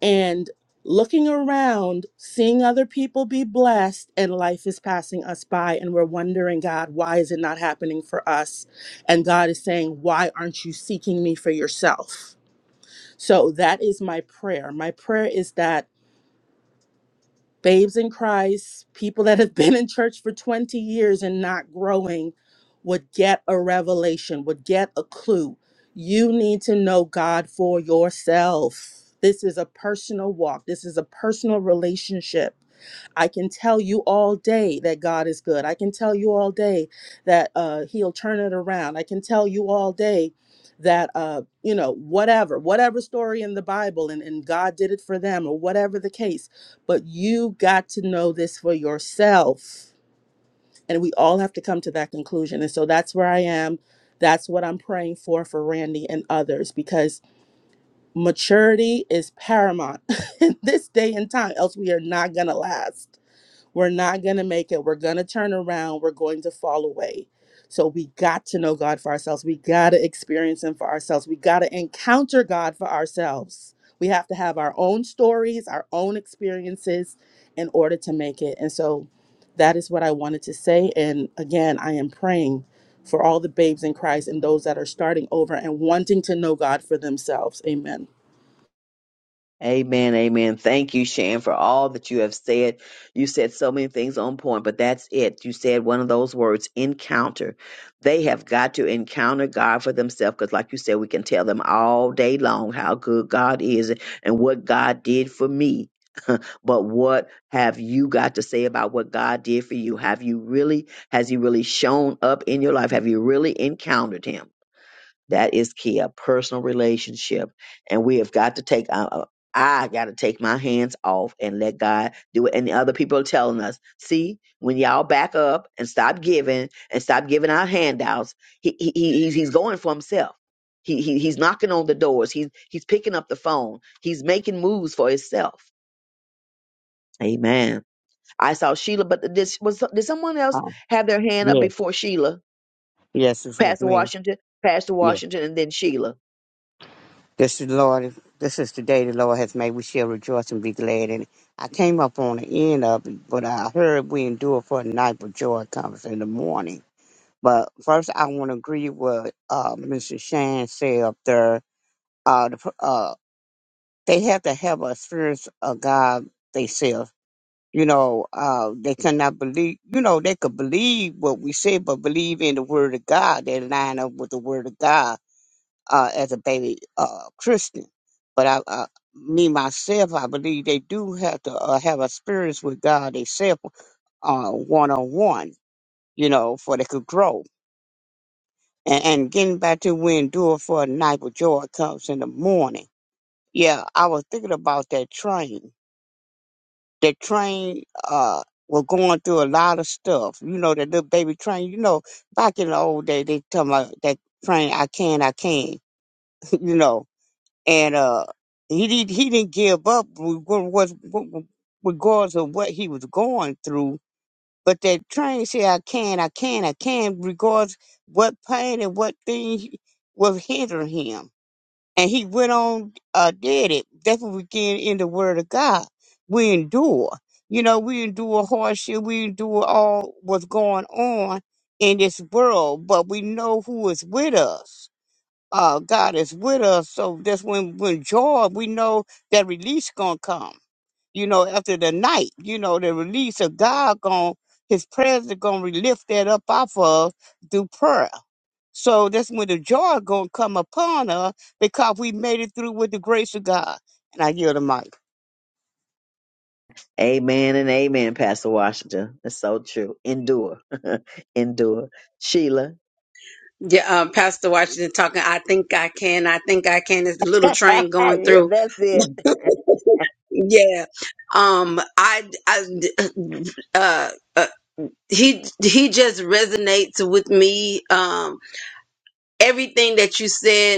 S3: and looking around, seeing other people be blessed, and life is passing us by. And we're wondering, God, why is it not happening for us? And God is saying, Why aren't you seeking me for yourself? So that is my prayer. My prayer is that babes in Christ, people that have been in church for 20 years and not growing, would get a revelation, would get a clue. You need to know God for yourself. This is a personal walk, this is a personal relationship. I can tell you all day that God is good. I can tell you all day that uh, He'll turn it around. I can tell you all day that, uh, you know, whatever, whatever story in the Bible and, and God did it for them or whatever the case. But you got to know this for yourself. And we all have to come to that conclusion. And so that's where I am. That's what I'm praying for for Randy and others because maturity is paramount in this day and time, else we are not going to last. We're not going to make it. We're going to turn around. We're going to fall away. So we got to know God for ourselves. We got to experience Him for ourselves. We got to encounter God for ourselves. We have to have our own stories, our own experiences in order to make it. And so that is what I wanted to say. And again, I am praying for all the babes in Christ and those that are starting over and wanting to know God for themselves. Amen.
S1: Amen, amen. Thank you, Shan, for all that you have said. You said so many things on point, but that's it. You said one of those words, encounter. They have got to encounter God for themselves because, like you said, we can tell them all day long how good God is and what God did for me. but what have you got to say about what God did for you? Have you really, has He really shown up in your life? Have you really encountered Him? That is key, a personal relationship. And we have got to take, uh, uh, I got to take my hands off and let God do it. And the other people are telling us, see, when y'all back up and stop giving and stop giving out handouts, he, he, he- he's, he's going for himself. He, he, he's knocking on the doors. He's, he's picking up the phone. He's making moves for himself. Amen. I saw Sheila, but did, was, did someone else
S12: Um,
S1: have their hand up
S12: yes.
S1: before Sheila?
S12: Yes, it's with
S1: Pastor
S12: me.
S1: Washington, Pastor
S12: Yes.
S1: Washington, and then Sheila.
S12: This is the Lord. This is the day the Lord has made. We shall rejoice and be glad in it. I came up on the end of it, but I heard we endure for the night, but joy comes in the morning. But first, I want to agree with uh, Mr. Shan said up there. Uh, the, pr- uh, they have to have a experience of God themselves You know, uh, they cannot believe, you know, they could believe what we say, but believe in the word of God. They line up with the word of God, uh, as a baby, uh, Christian. But I, uh, me myself, I believe they do have to uh, have a experience with God themselves uh, one-on-one, you know, for they could grow. And, and getting back to we endure for a night, but joy comes in the morning. Yeah, I was thinking about that train. the train uh were going through a lot of stuff. You know, that little baby train, you know, back in the old day they tell me that train I can, I can, you know. And uh he did he didn't give up was regardless of what he was going through. But that train said I can, I can, I can regardless what pain and what thing was hindering him and he went on uh did it that's what we get in the word of god we endure you know we endure hardship we endure all what's going on in this world but we know who is with us uh god is with us so that's when when joy we know that release gonna come you know, after the night, you know, the release of God gon' his presence gonna re- lift that up off of us through prayer. So that's when the joy gonna come upon us because we made it through with the grace of God. And I yield the mic.
S1: Amen and amen, Pastor Washington. That's so true. Endure. Endure. Sheila.
S13: Yeah, um, Pastor Washington talking. I think I can. I think I can. It's the little
S1: yeah,
S13: train going through.
S1: that's it.
S13: Yeah. Um. I. I. Uh. uh he he just resonates with me. Um, everything that you said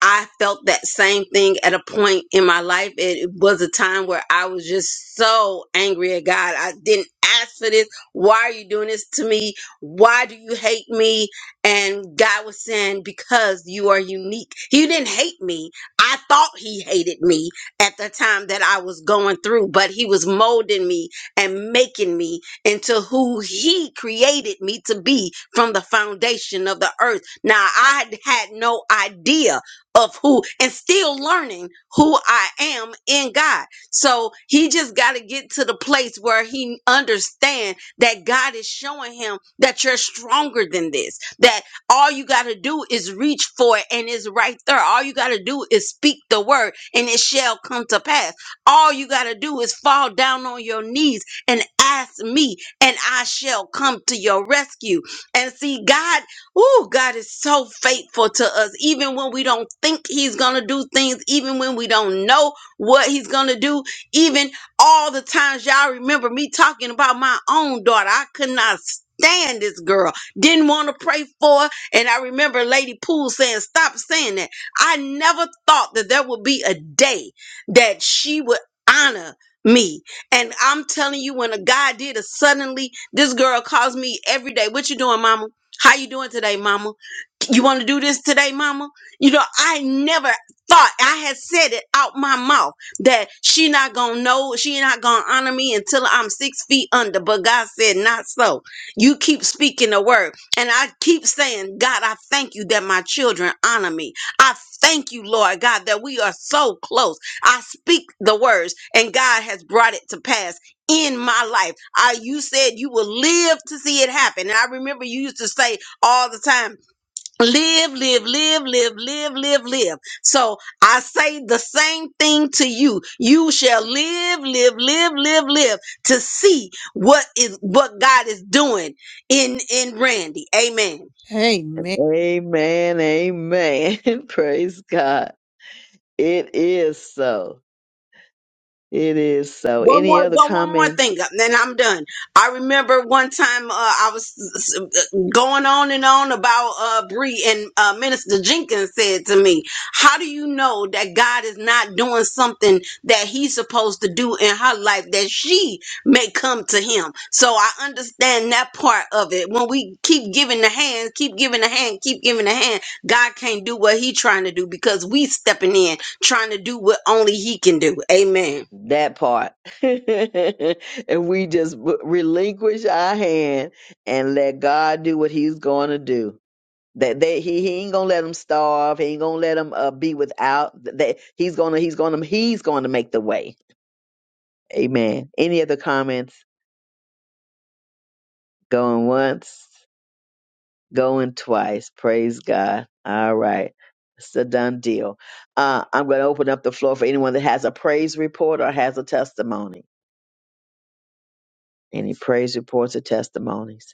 S13: I felt that same thing at a point in my life. It was a time where I was just so angry at God. I didn't ask for this. Why are you doing this to me? Why do you hate me? And God was saying, Because you are unique. He didn't hate me. I thought He hated me at the time that I was going through, but He was molding me and making me into who He created me to be from the foundation of the earth. Now, I had no idea of who and still learning who I am in God. So he just got to get to the place where he understand that God is showing him that you're stronger than this. That all you got to do is reach for it and it's right there. All you got to do is speak the word and it shall come to pass. All you got to do is fall down on your knees and ask me and I shall come to your rescue. And see God Oh, God is so faithful to us, even when we don't think He's going to do things, even when we don't know what He's going to do, even all the times y'all remember me talking about my own daughter. I could not stand this girl, didn't want to pray for her. And I remember Lady Poole saying, Stop saying that. I never thought that there would be a day that she would honor me and i'm telling you when a guy did a suddenly this girl calls me every day what you doing mama how you doing today, mama? You want to do this today, mama? You know, I never thought I had said it out my mouth that she not gonna know, she not gonna honor me until I'm six feet under. But God said, not so. You keep speaking the word, and I keep saying, God, I thank you that my children honor me. I thank you, Lord God, that we are so close. I speak the words, and God has brought it to pass in my life. I you said you will live to see it happen. And I remember you used to say all the time, live, live, live, live, live, live, live. So I say the same thing to you. You shall live, live, live, live, live to see what is what God is doing in in Randy. Amen.
S2: Amen.
S1: Amen. Amen. Praise God. It is so. It is so.
S13: One
S1: Any
S13: more,
S1: other
S13: one, one more
S1: comments?
S13: thing, uh, then I'm done. I remember one time uh, I was s- s- uh, going on and on about uh, Bree, and uh, Minister Jenkins said to me, "How do you know that God is not doing something that He's supposed to do in her life that she may come to Him?" So I understand that part of it. When we keep giving the hand, keep giving the hand, keep giving the hand, God can't do what He's trying to do because we stepping in trying to do what only He can do. Amen.
S1: That part. and we just w- relinquish our hand and let God do what He's going to do. That they, he he ain't gonna let them starve. He ain't gonna let them uh, be without. That he's gonna he's gonna he's gonna make the way. Amen. Any other comments? Going once, going twice. Praise God. All right, it's a done deal. Uh, I'm gonna open up the floor for anyone that has a praise report or has a testimony. Any praise reports or testimonies?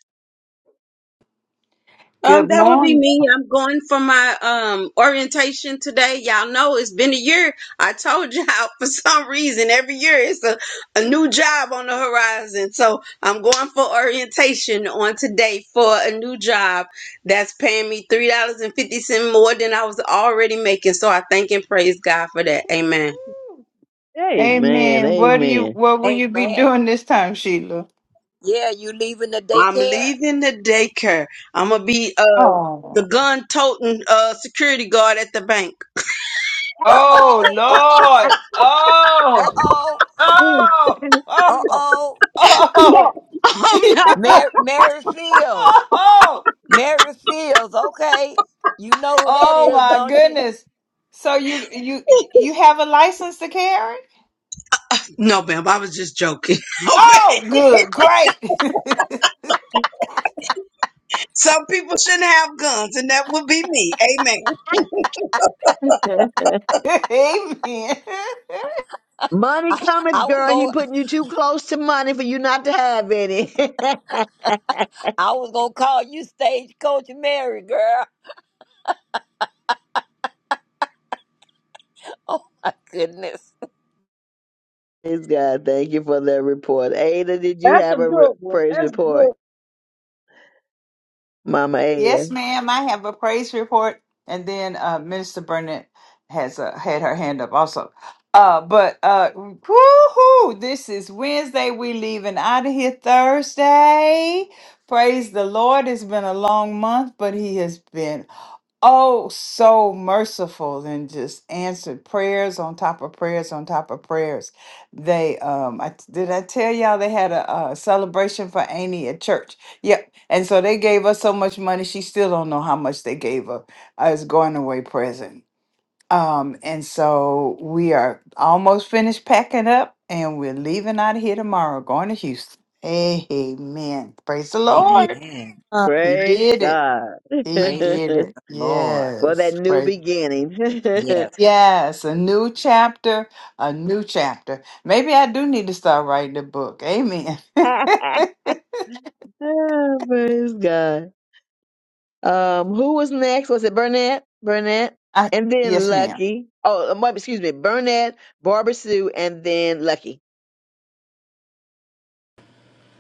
S13: Um,
S11: Good
S13: that would be
S11: morning.
S13: me. I'm going for my um orientation today. Y'all know it's been a year. I told y'all for some reason every year it's a, a new job on the horizon. So I'm going for orientation on today for a new job that's paying me three dollars and fifty cents more than I was already making. So I thank and praise God for that. Amen.
S1: Amen.
S11: Amen. What do you
S1: Amen.
S11: what will you be
S7: Amen.
S11: doing this time, Sheila?
S7: Yeah, you leaving the
S13: I'm
S7: daycare?
S13: leaving the daycare. I'm gonna be uh the
S11: Oh.
S13: gun toting uh security guard at the bank.
S7: Uh
S11: Oh
S7: oh. Uh oh.
S11: Lord.
S7: Uh
S11: Oh.
S7: oh.
S11: Oh.
S7: Uh
S11: Oh.
S7: oh.
S11: Oh.
S7: Mary, Mary Fields.
S11: Oh.
S7: Mary Fields. Okay, you know who that
S11: Oh
S7: is,
S11: my
S7: don't you?
S11: goodness. So you you you have a license to carry?
S13: No, ma'am, I was just joking. Okay.
S11: Oh, good. Great.
S13: Some people shouldn't have guns, and that would be me. Amen.
S11: Amen.
S1: money
S7: I,
S1: coming,
S7: I was
S1: girl. He
S7: going
S1: putting you too close to money for you not to have any.
S7: I was gonna call you Stagecoach Mary, girl. Oh my goodness.
S1: praise God. Thank you for that report. Ada, did you
S4: That's a
S1: have a re-
S4: good one.
S1: praise
S4: That's good.
S1: report? Mama Ada.
S11: Yes, ma'am. I have a praise report, and then uh, Minister Burnett has uh, had her hand up also. Uh, but uh, woo-hoo, this is Wednesday. We leaving out of here Thursday. Praise the Lord. It's been a long month, but He has been Oh, so merciful and just answered prayers on top of prayers on top of prayers. They, um, I did I tell y'all they had a, uh celebration for Amy at church. Yep, and so they gave her so much money. She still don't know how much they gave her as going away present. Um, and so we are almost finished packing up, and we're leaving out of here tomorrow, going to Houston. Amen. Praise the
S2: Praise
S11: Lord.
S7: Amen.
S2: God.
S11: He
S1: Praise
S11: did it.
S1: God
S11: He
S7: Praise the
S11: did it.
S1: for
S7: Lord.
S1: that
S11: Yes.
S1: new
S11: Praise
S1: beginning.
S7: Yes.
S11: Yes, a new chapter, a new chapter. Maybe I do need to start writing a book. Amen.
S1: Ah, Praise God. Um, who was next? Was it Burnett? Burnett,
S11: I,
S1: and then
S11: yes, ma'am.
S1: Lucky. Oh, um, wait, excuse me, Burnett, Barbara Sue, and then Lucky.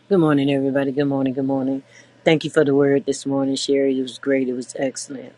S14: Good morning, everybody. Good morning. Good morning. Thank you for the word this morning, Sherry. It was great. It was excellent.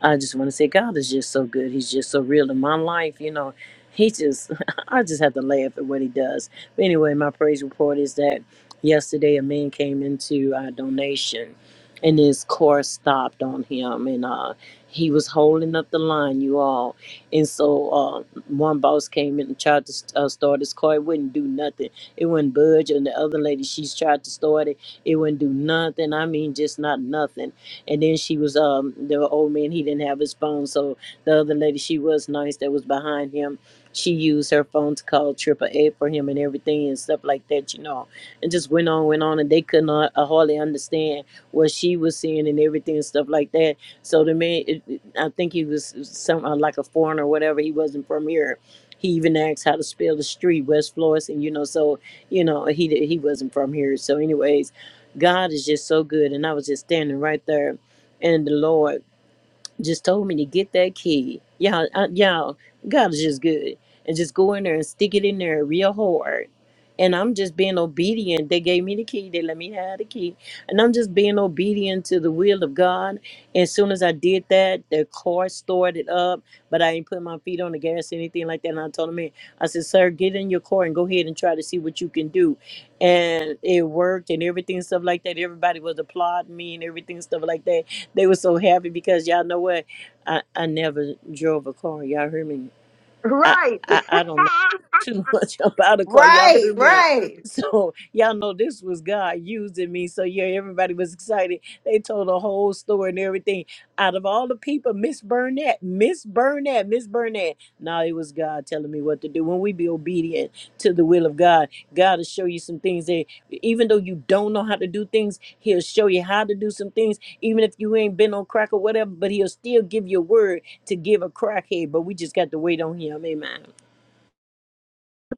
S14: I just want to say God is just so good. He's just so real in my life. You know, he just, I just have to laugh at what he does. But anyway, my praise report is that yesterday a man came into our donation and his car stopped on him and uh, he was holding up the line, you all. And so uh, one boss came in and tried to uh, start his car. It wouldn't do nothing. It wouldn't budge. And the other lady, she's tried to start it. It wouldn't do nothing. I mean, just not nothing and then she was um the old man he didn't have his phone, so the other lady she was nice that was behind him. She used her phone to call triple A for him and everything and stuff like that, you know, and just went on, went on, and they could not uh, hardly understand what she was seeing and everything and stuff like that. So the man, it, it- I think he was some uh, like a foreigner or whatever. He wasn't from here. He even asked how to spell the street, West Florissant, and you know. So you know he he wasn't from here. So anyways, God is just so good, and I was just standing right there and the Lord just told me to get that key. Y'all, uh, y'all, God is just good, and just go in there and stick it in there real hard. And I'm just being obedient. They gave me the key. They let me have the key, and I'm just being obedient to the will of God. As soon as I did that, the car started up, but I ain't put my feet on the gas or anything like that. And I told him, man, I said, "Sir, get in your car and go ahead and try to see what you can do." And it worked, and everything stuff like that. Everybody was applauding me and everything stuff like that they were so happy because y'all know what? I, I never drove a car. Y'all heard me? I,
S1: Right.
S14: I I don't know too much about a car. Y'all
S11: Right,
S14: heard me.
S11: right.
S14: So y'all know this was God using me. So yeah, everybody was excited. They told a whole story and everything. Out of all the people, Miss Burnett, Miss Burnett, Miss Burnett. No, it was God telling me what to do. When we be obedient to the will of God, God will show you some things that even though you don't know how to do things, He'll show you how to do some things. Even if you ain't been on crack or whatever, but He'll still give you a word to give a crackhead, but we just got to wait on him. Amen.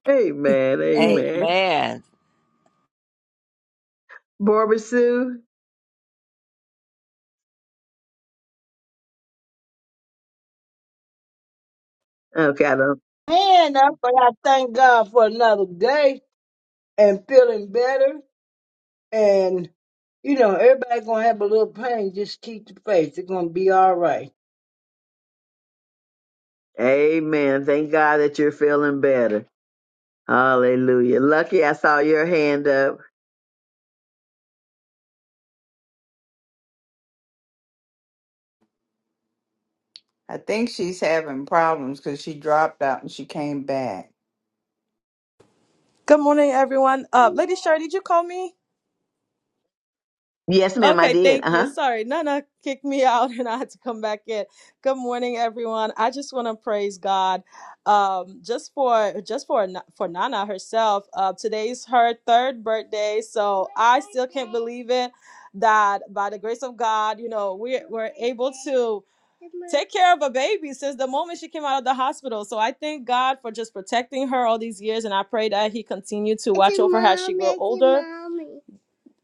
S1: amen. Amen.
S7: Amen.
S1: Barbara Sue. Okay, I don't.
S4: Hand up, but I thank God for another day and feeling better. And you know, everybody gonna have a little pain. Just keep the faith. It's gonna be all right.
S1: Amen. Thank God that you're feeling better. Hallelujah. Lucky, I saw your hand up.
S11: I think she's having problems because she dropped out and she came back.
S15: Good morning, everyone. Uh, Lady Sherry, did you call me?
S1: Yes, ma'am, I
S15: Okay,
S1: did. Uh
S15: thank
S1: huh.
S15: you. Sorry, Nana kicked me out and I had to come back in. Good morning, everyone. I just want to praise God. Um, just for just for Na- for Nana herself. Uh, today's her third birthday, so I still can't believe it that by the grace of God, you know, we we're we're able to take care of a baby since the moment she came out of the hospital. So I thank God for just protecting her all these years, and I pray that He continue to watch over her as she grow older.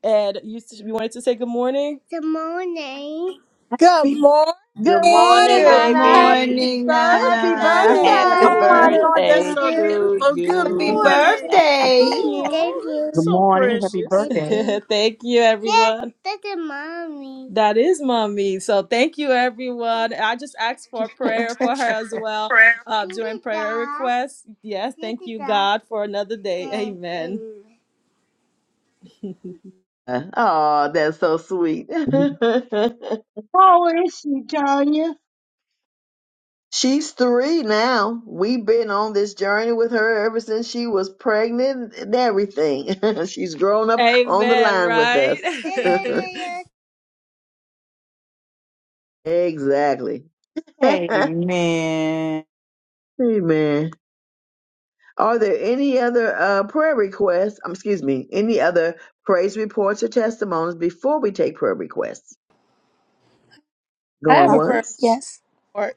S15: Ed, you, s- you wanted to say good morning? Good morning.
S2: Good
S1: Happy-
S2: morning.
S7: Good
S1: Good morning,
S7: morning,
S11: Good
S1: Nana.
S7: baby.
S11: morning,
S1: Happy
S11: Nana.
S2: Hey.
S7: Happy
S14: Oh my
S1: birthday.
S14: Lord, that's
S15: Thank
S7: birthday
S14: so
S15: you.
S7: to
S14: beautiful. Good
S15: Say
S7: you,
S11: Happy
S14: morning.
S15: Thank
S11: birthday.
S15: you.
S14: Oh,
S15: Thank
S12: Good
S15: you.
S14: so
S12: morning. Happy
S14: precious.
S15: Thank
S12: birthday.
S15: you, Thank you, everyone. That's a mommy. That is mommy. So thank you, everyone. I just asked for prayer for her as well uh, during prayer requests. Yes, thank you, God, for another day.
S1: Oh, that's so sweet.
S4: How is she, Tanya?
S1: She's three now. We've been on this journey with her ever since she was pregnant and everything. She's grown up
S15: Amen,
S1: on the
S15: Amen,
S1: line with us.
S15: right?
S1: exactly.
S11: Amen.
S1: Amen. Are there any other uh, prayer requests? Um, excuse me, any other praise reports or testimonies before we take prayer requests?
S3: I have
S1: Going
S3: a
S9: Huh?
S3: prayer
S1: once?
S9: Yes.
S3: for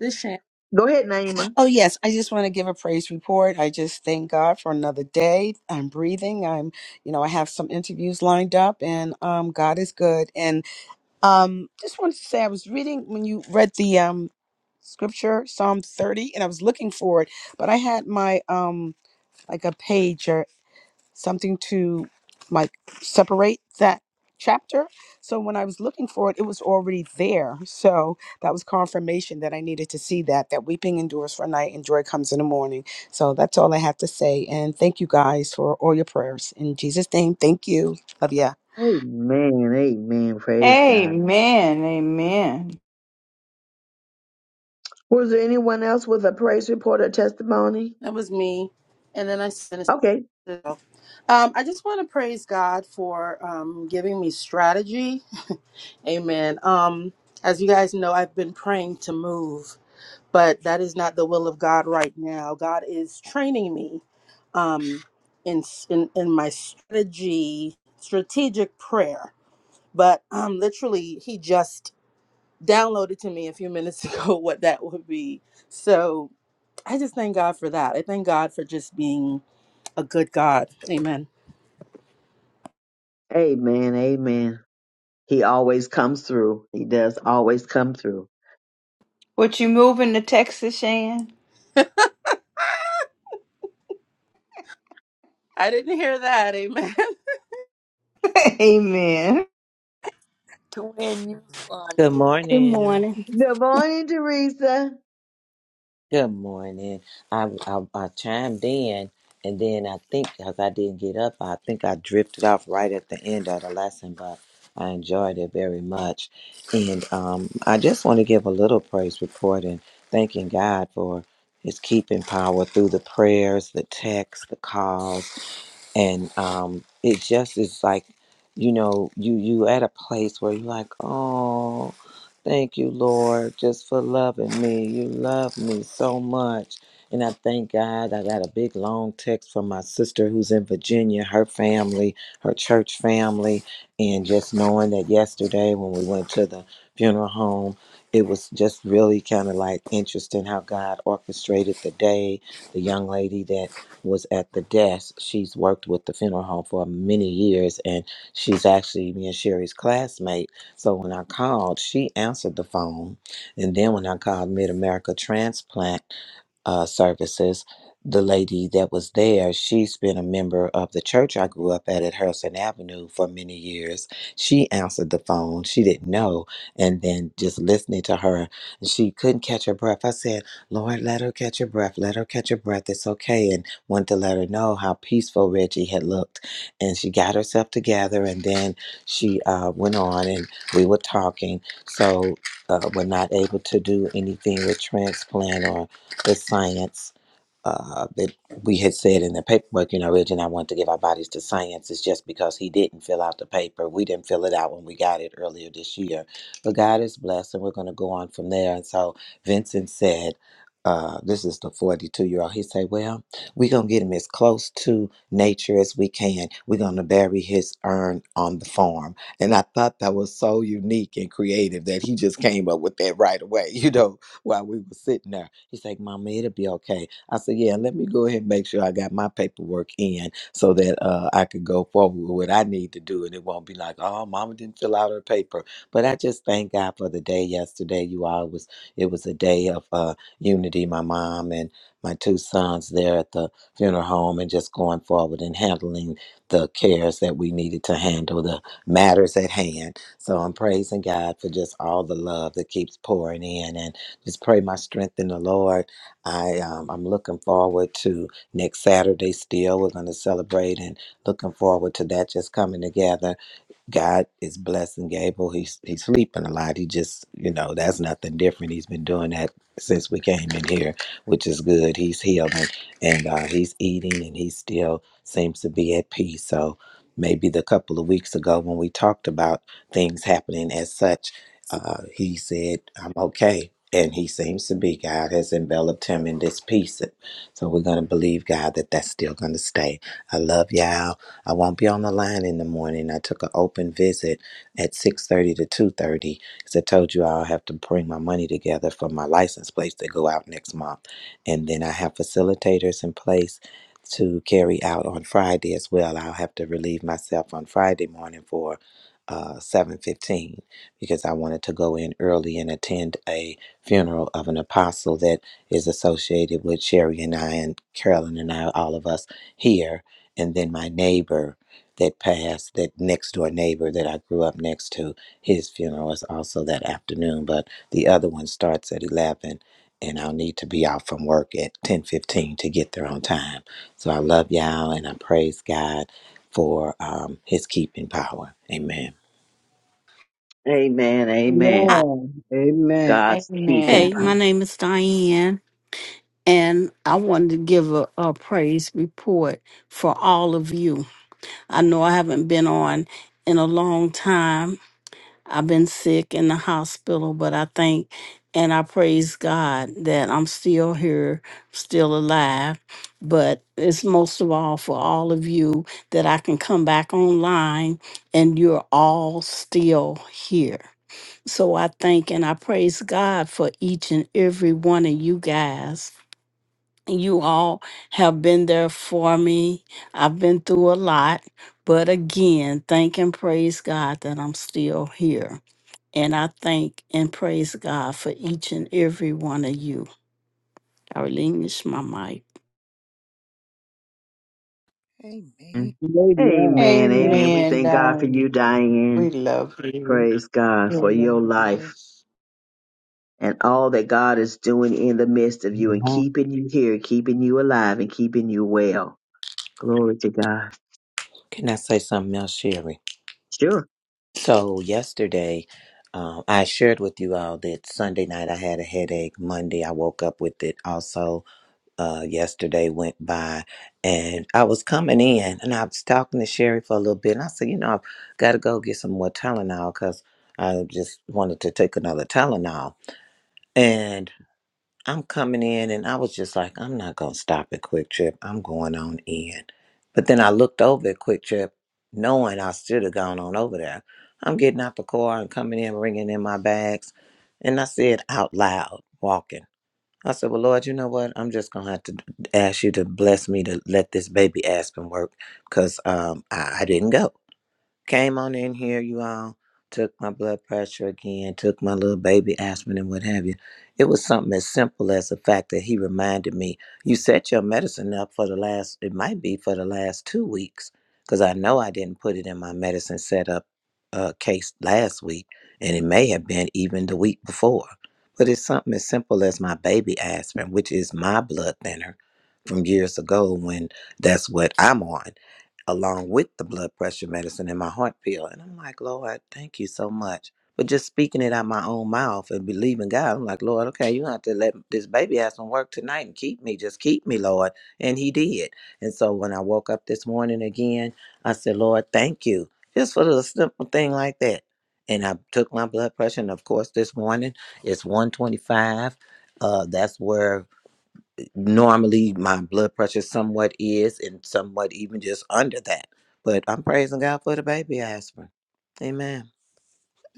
S3: this shit.
S1: Go ahead, Naima.
S9: Oh, yes. I just want to give a praise report. I just thank God for another day. I'm breathing. I'm, you know, I have some interviews lined up, and um, God is good. And um, just wanted to say, I was reading when you read the um scripture Psalm 30, and I was looking for it, but I had my um like a pager something to like separate that chapter. So when I was looking for it, it was already there. So that was confirmation that I needed to see that that weeping endures for a night and joy comes in the morning. So that's all I have to say. And thank you guys for all your prayers. In Jesus' name, thank you. Love ya.
S1: Amen. Amen. Praise God.
S11: Amen. Amen.
S1: Was there anyone else with a praise report or testimony?
S3: That was me. And then I sent it.
S1: Okay.
S3: to- myself. Um, I just want to praise God for um, giving me strategy. Amen. Um, as you guys know, I've been praying to move, but that is not the will of God right now. God is training me um, in, in in my strategy strategic prayer. But um, literally, he just downloaded to me a few minutes ago what that would be. So I just thank God for that. I thank God for just being a good God. Amen.
S1: Amen. Amen. He always comes through. He does always come through.
S11: What you moving to Texas, Shan?
S3: I didn't hear that. Amen.
S11: Amen.
S7: twin. You
S16: Good
S7: funny.
S8: Good
S16: morning.
S8: morning.
S1: Good morning, Teresa.
S16: Good morning. I, I I chimed in, and then I think because I didn't get up, I think I drifted off right at the end of the lesson, but I enjoyed it very much. And um, I just want to give a little praise report and thanking God for His keeping power through the prayers, the texts, the calls and um, it just is like you know you you at a place where you're like oh thank you lord just for loving me you love me so much and i thank god i got a big long text from my sister who's in virginia her family her church family and just knowing that yesterday when we went to the funeral home it was just really kind of like interesting how god orchestrated the day the young lady that was at the desk. She's worked with the funeral home for many years, and she's actually me and Sherry's classmate. So when I called, she answered the phone, and then when I called Mid America Transplant uh, services, the lady that was there, she's been a member of the church I grew up at at Harrison Avenue for many years. She answered the phone. She didn't know. And then just listening to her, she couldn't catch her breath. I said, Lord, let her catch her breath. Let her catch her breath. It's okay. And wanted to let her know how peaceful Reggie had looked. And she got herself together. And then she uh, went on and we were talking. So uh, we're not able to do anything with transplant or with science. Uh, that we had said in the paperwork, you know, Reg and I want to give our bodies to science is just because he didn't fill out the paper. We didn't fill it out when we got it earlier this year. But God is blessed, and we're going to go on from there. And so Vincent said, uh, this is the 42 year old. He said, Well, we're going to get him as close to nature as we can. We're going to bury his urn on the farm. And I thought that was so unique and creative that he just came up with that right away, you know while we were sitting there. He's like, Mama, it'll be okay. I said, Yeah, let me go ahead and make sure I got my paperwork in so that uh, I could go forward with what I need to do. And it won't be like, Oh, Mama didn't fill out her paper. But I just thank God for the day yesterday. You all it was it was a day of uh, unity. My mom and my two sons there at the funeral home and just going forward and handling the cares that we needed to handle, the matters at hand. So I'm praising God for just all the love that keeps pouring in. Just pray my strength in the Lord. I um, I'm looking forward to next Saturday. Still, we're going to celebrate and looking forward to that just coming together. God is blessing Gable. He's he's sleeping a lot. He just, you know, that's nothing different. He's been doing that since we came in here, which is good. He's healing and uh, he's eating and he still seems to be at peace. So maybe the couple of weeks ago when we talked about things happening as such, uh, he said, I'm okay. And he seems to be. God has enveloped him in this peace. So we're going to believe, God, that that's still going to stay. I love y'all. I won't be on the line in the morning. I took an open visit at 6:30 to 2:30 because I told you I'll have to bring my money together for my license plates that go out next month, and then I have facilitators in place to carry out on Friday as well. I'll have to relieve myself on Friday morning for uh 7:15 because I wanted to go in early and attend a funeral of an apostle that is associated with Sherry and I and Carolyn and I all of us here and then my neighbor that passed that next door neighbor that i grew up next to his funeral is also that afternoon but the other one starts at 11 and i'll need to be out from work at 10.15 to get there on time so i love y'all and i praise god for um, his keeping power amen
S1: Amen.
S4: Amen.
S1: Amen.
S8: Hi.
S4: Amen.
S1: God's keeping
S8: Hey,
S11: Amen.
S8: my
S1: time.
S8: name is Diane, and I wanted to give a, a praise report for all of you. I know I haven't been on in a long time, I've been sick in the hospital, but I thank and I praise God that I'm still here, still alive. But it's most of all for all of you that I can come back online and you're all still here. So I thank and I praise God for each and every one of you guys. You all have been there for me. I've been through a lot, but again, thank and praise God that I'm still here. And I thank and praise God for each and every one of you. I relinquish my mic.
S2: Amen.
S4: Amen.
S1: Amen.
S4: Amen.
S1: Amen. We
S11: Amen,
S1: thank God for you,
S11: darling. We
S1: Diane.
S11: love you.
S1: Praise God for your life
S11: Yes.
S1: and all that God is doing in the midst of you and
S12: Amen.
S1: keeping you here, keeping you alive, and keeping you well. Glory to God.
S16: can i say something else sherry
S1: Sure.
S16: so yesterday um, i shared with you all that sunday night i had a headache monday i woke up with it also uh, yesterday went by and I was coming in and I was talking to Sherry for a little bit. And I said, you know, I've got to go get some more Tylenol because I just wanted to take another Tylenol. And I'm coming in and I was just like, I'm not going to stop at Quick Trip. I'm going on in. But then I looked over at Quick Trip knowing I should have gone on over there. I'm getting out the car and coming in, bringing in my bags. And I said out loud, walking. I said, Well, Lord, you know what? I'm just going to have to ask you to bless me to let this baby Aspen work because um, I, I didn't go. Came on in here, you all. Took my blood pressure again. Took my little baby aspirin and what have you. It was something as simple as the fact that he reminded me, you set your medicine up for the last, it might be for the last two weeks, because I know I didn't put it in my medicine setup uh, case last week, and it may have been even the week before. But it's something as simple as my baby aspirin, which is my blood thinner from years ago when that's what I'm on along with the blood pressure medicine and my heart pill. And I'm like, Lord, thank you so much. But just speaking it out my own mouth and believing God, I'm like, Lord, okay, you have to let this baby have some work tonight and keep me. Just keep me, Lord. And he did. And so when I woke up this morning again, I said, Lord, thank you. Just for the simple thing like that. And I took my blood pressure. And of course, this morning it's 125. Uh, that's where normally my blood pressure somewhat is and somewhat even just under that. But I'm praising God for the baby aspirin. Amen.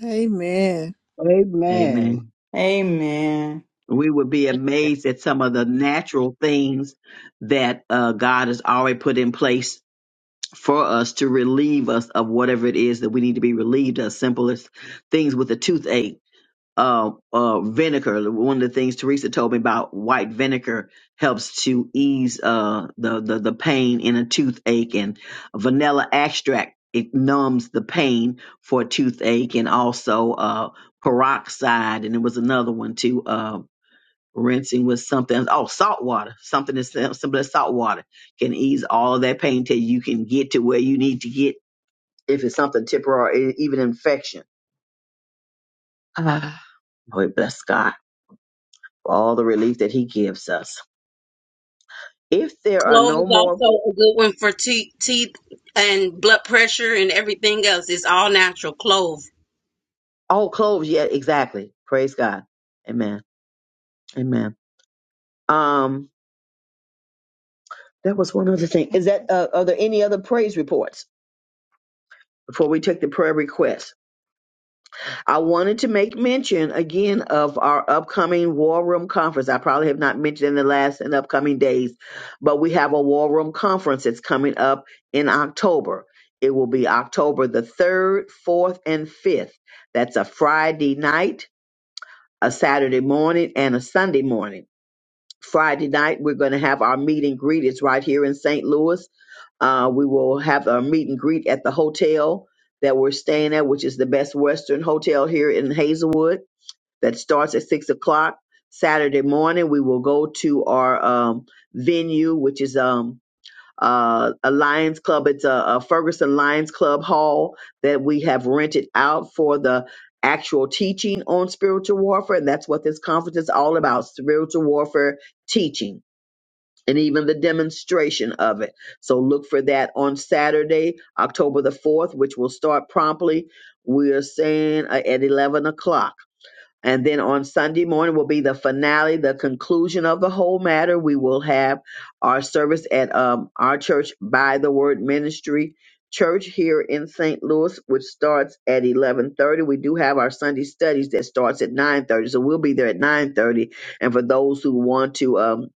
S2: Amen.
S4: Amen.
S1: Amen.
S11: Amen.
S1: We would be amazed at some of the natural things that uh, God has already put in place for us to relieve us of whatever it is that we need to be relieved of. Simplest things with a toothache. uh, uh, vinegar. One of the things Teresa told me about white vinegar helps to ease uh, the, the the pain in a toothache, and vanilla extract it numbs the pain for a toothache, and also uh, peroxide, and it was another one too. Uh, rinsing with something oh salt water something as sim- simple as salt water can ease all of that pain till you can get to where you need to get if it's something temporary e- even infection Ah, Boy, bless God. for all the relief that he gives us. If there are
S13: Clove
S1: no
S13: is
S1: more
S13: also a good one for teeth, teeth and blood pressure and everything else. It's all natural clove.
S1: oh clothes yet, exactly. Praise God. Amen. Amen. Um, that was one other thing. Is that uh, are there any other praise reports? Before we take the prayer requests, I wanted to make mention again of our upcoming War Room Conference. I probably have not mentioned in the last and upcoming days, but we have a War Room Conference that's coming up in October. It will be October the 3rd, 4th, and 5th. That's a Friday night a Saturday morning and a Sunday morning. Friday night, we're going to have our meet and greet. It's right here in St. Louis. Uh, we will have our meet and greet at the hotel that we're staying at, which is the best Western hotel here in Hazelwood. That starts at six o'clock Saturday morning. We will go to our um, venue, which is um, uh, a Lions Club. It's a, a Ferguson Lions Club hall that we have rented out for the actual teaching on spiritual warfare. And that's what this conference is all about spiritual warfare teaching and even the demonstration of it. So look for that on Saturday, October the 4th, which will start promptly. We are saying uh, at 11 o'clock. And then on Sunday morning will be the finale, the conclusion of the whole matter. We will have our service at um, our church by the Word Ministry Church here in St. Louis, which starts at 11:30. We do have our Sunday studies that starts at 9:30, so we'll be there at 9:30. And for those who want to um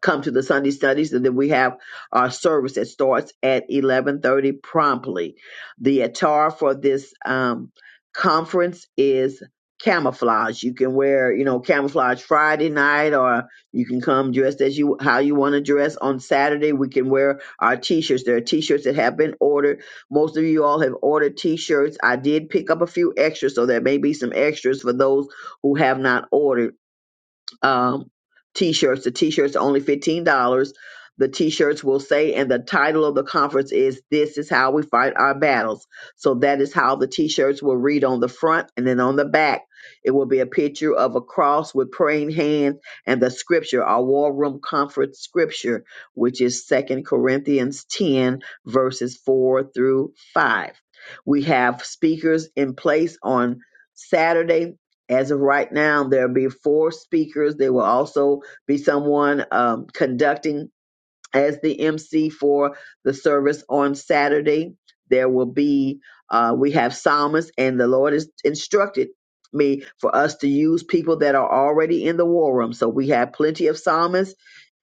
S1: come to the Sunday studies, and then we have our service that starts at eleven thirty promptly. The attire for this um, conference is camouflage. You can wear, you know, camouflage Friday night, or you can come dressed as you how you want to dress on Saturday. We can wear our t-shirts. There are t-shirts that have been ordered. Most of you all have ordered t-shirts. I did pick up a few extras, so there may be some extras for those who have not ordered um, t-shirts. The t-shirts are only fifteen dollars. The t-shirts will say, and the title of the conference is "This is how we fight our battles." So that is how the t-shirts will read on the front, and then on the back, it will be a picture of a cross with praying hands and the scripture, our war room conference scripture, which is Second Corinthians ten verses four through five. We have speakers in place on Saturday as of right now, there'll be four speakers. There will also be someone um, conducting as the MC for the service on Saturday. There will be, uh, we have psalmists, and the Lord has instructed me for us to use people that are already in the war room. So we have plenty of psalmists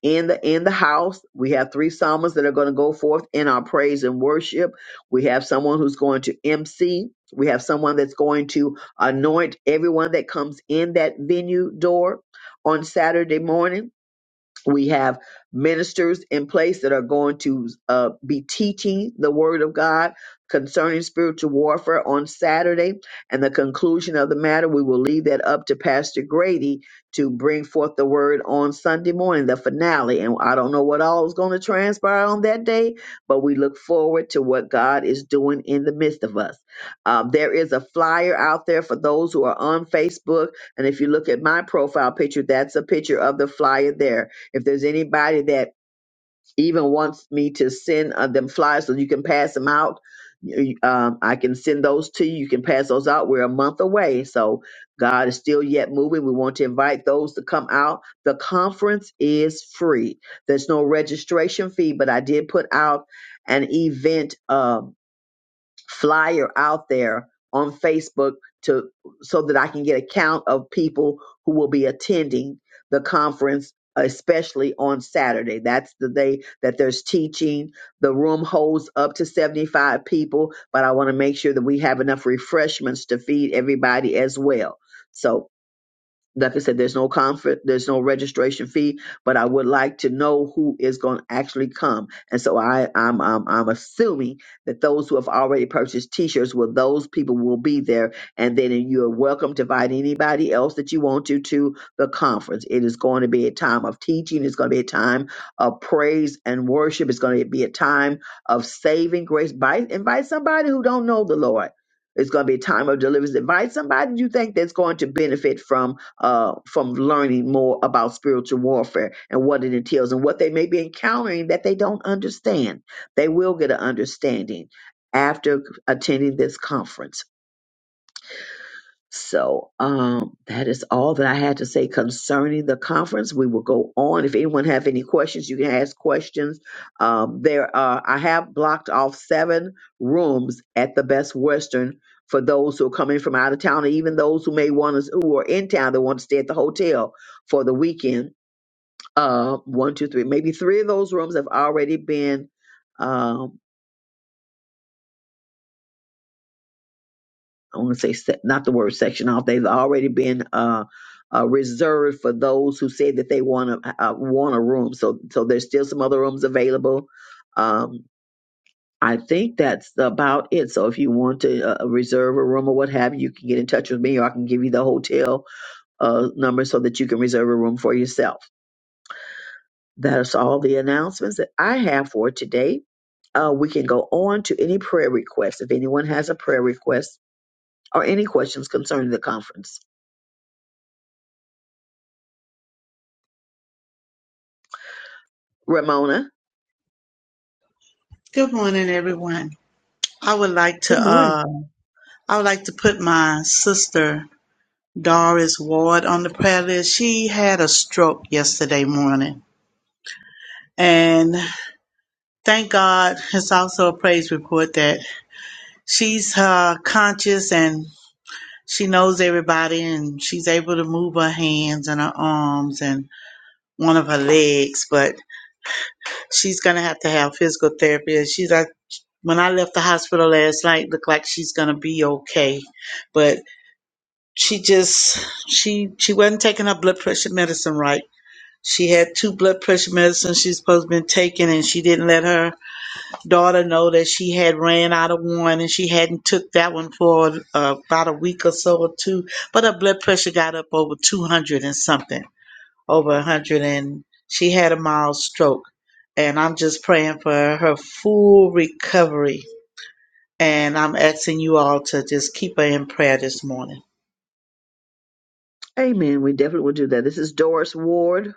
S1: in the in the house. We have three psalmists that are going to go forth in our praise and worship. We have someone who's going to MC. We have someone that's going to anoint everyone that comes in that venue door on Saturday morning. We have ministers in place that are going to uh, be teaching the Word of God concerning spiritual warfare on Saturday. And the conclusion of the matter, we will leave that up to Pastor Grady to bring forth the Word on Sunday morning, the finale. And I don't know what all is going to transpire on that day, but we look forward to what God is doing in the midst of us. Um, there is a flyer out there for those who are on Facebook. And if you look at my profile picture, that's a picture of the flyer there if there's anybody that even wants me to send uh, them flyers so you can pass them out, you- um, I can send those to you. You can pass those out. We're a month away, so God is still yet moving. We want to invite those to come out. The conference is free. There's no registration fee, but I did put out an event. Um, flyer out there on Facebook to so that I can get a count of people who will be attending the conference especially on Saturday. That's the day that there's teaching. The room holds up to 75 people, but I want to make sure that we have enough refreshments to feed everybody as well. So like I said, there's no comfort, there's no registration fee, but I would like to know who is going to actually come. And so I, I'm, I'm, I'm assuming that those who have already purchased T-shirts, well, those people will be there, and then you're welcome to invite anybody else that you want to to the conference. It is going to be a time of teaching. It's going to be a time of praise and worship. It's going to be a time of saving grace. Invite, invite somebody who don't know the Lord. It's going to be a time of deliverance. Invite somebody you think that's going to benefit from uh, from learning more about spiritual warfare and what it entails and what they may be encountering that they don't understand. They will get an understanding after attending this conference. So um, that is all that I had to say concerning the conference. We will go on. If anyone have any questions, you can ask questions. Um, there are I have blocked off seven rooms at the Best Western for those who are coming from out of town, and even those who may want to who are in town that want to stay at the hotel for the weekend. Uh, one, two, three, maybe three of those rooms have already been. Um, I want to say se- not the word section off. They've already been uh, uh, reserved for those who said that they want to uh, want a room. So so there's still some other rooms available. Um, I think that's about it. So if you want to uh, reserve a room or what have you, you can get in touch with me, or I can give you the hotel uh, number so that you can reserve a room for yourself. That's all the announcements that I have for today. Uh, we can go on to any prayer requests if anyone has a prayer request or any questions concerning the conference. Ramona.
S17: Good morning, everyone. I would like to
S1: Good morning.
S17: uh, I would like to put my sister Doris Ward on the prayer list. She had a stroke yesterday morning, and thank God, it's also a praise report that she's uh, conscious and she knows everybody, and she's able to move her hands and her arms and one of her legs. But she's gonna have to have physical therapy. She's like, when I left the hospital last night, looked like she's gonna be okay, but she just she she wasn't taking her blood pressure medicine right. She had two blood pressure medicines she's supposed to been taking, and she didn't let her daughter know that she had ran out of one, and she hadn't took that one for uh, about a week or so or two. But her blood pressure got up over two hundred and something, over a hundred, and she had a mild stroke. And I'm just praying for her full recovery, and I'm asking you all to just keep her in prayer this morning.
S1: Amen. We definitely will do that. This is Doris Ward.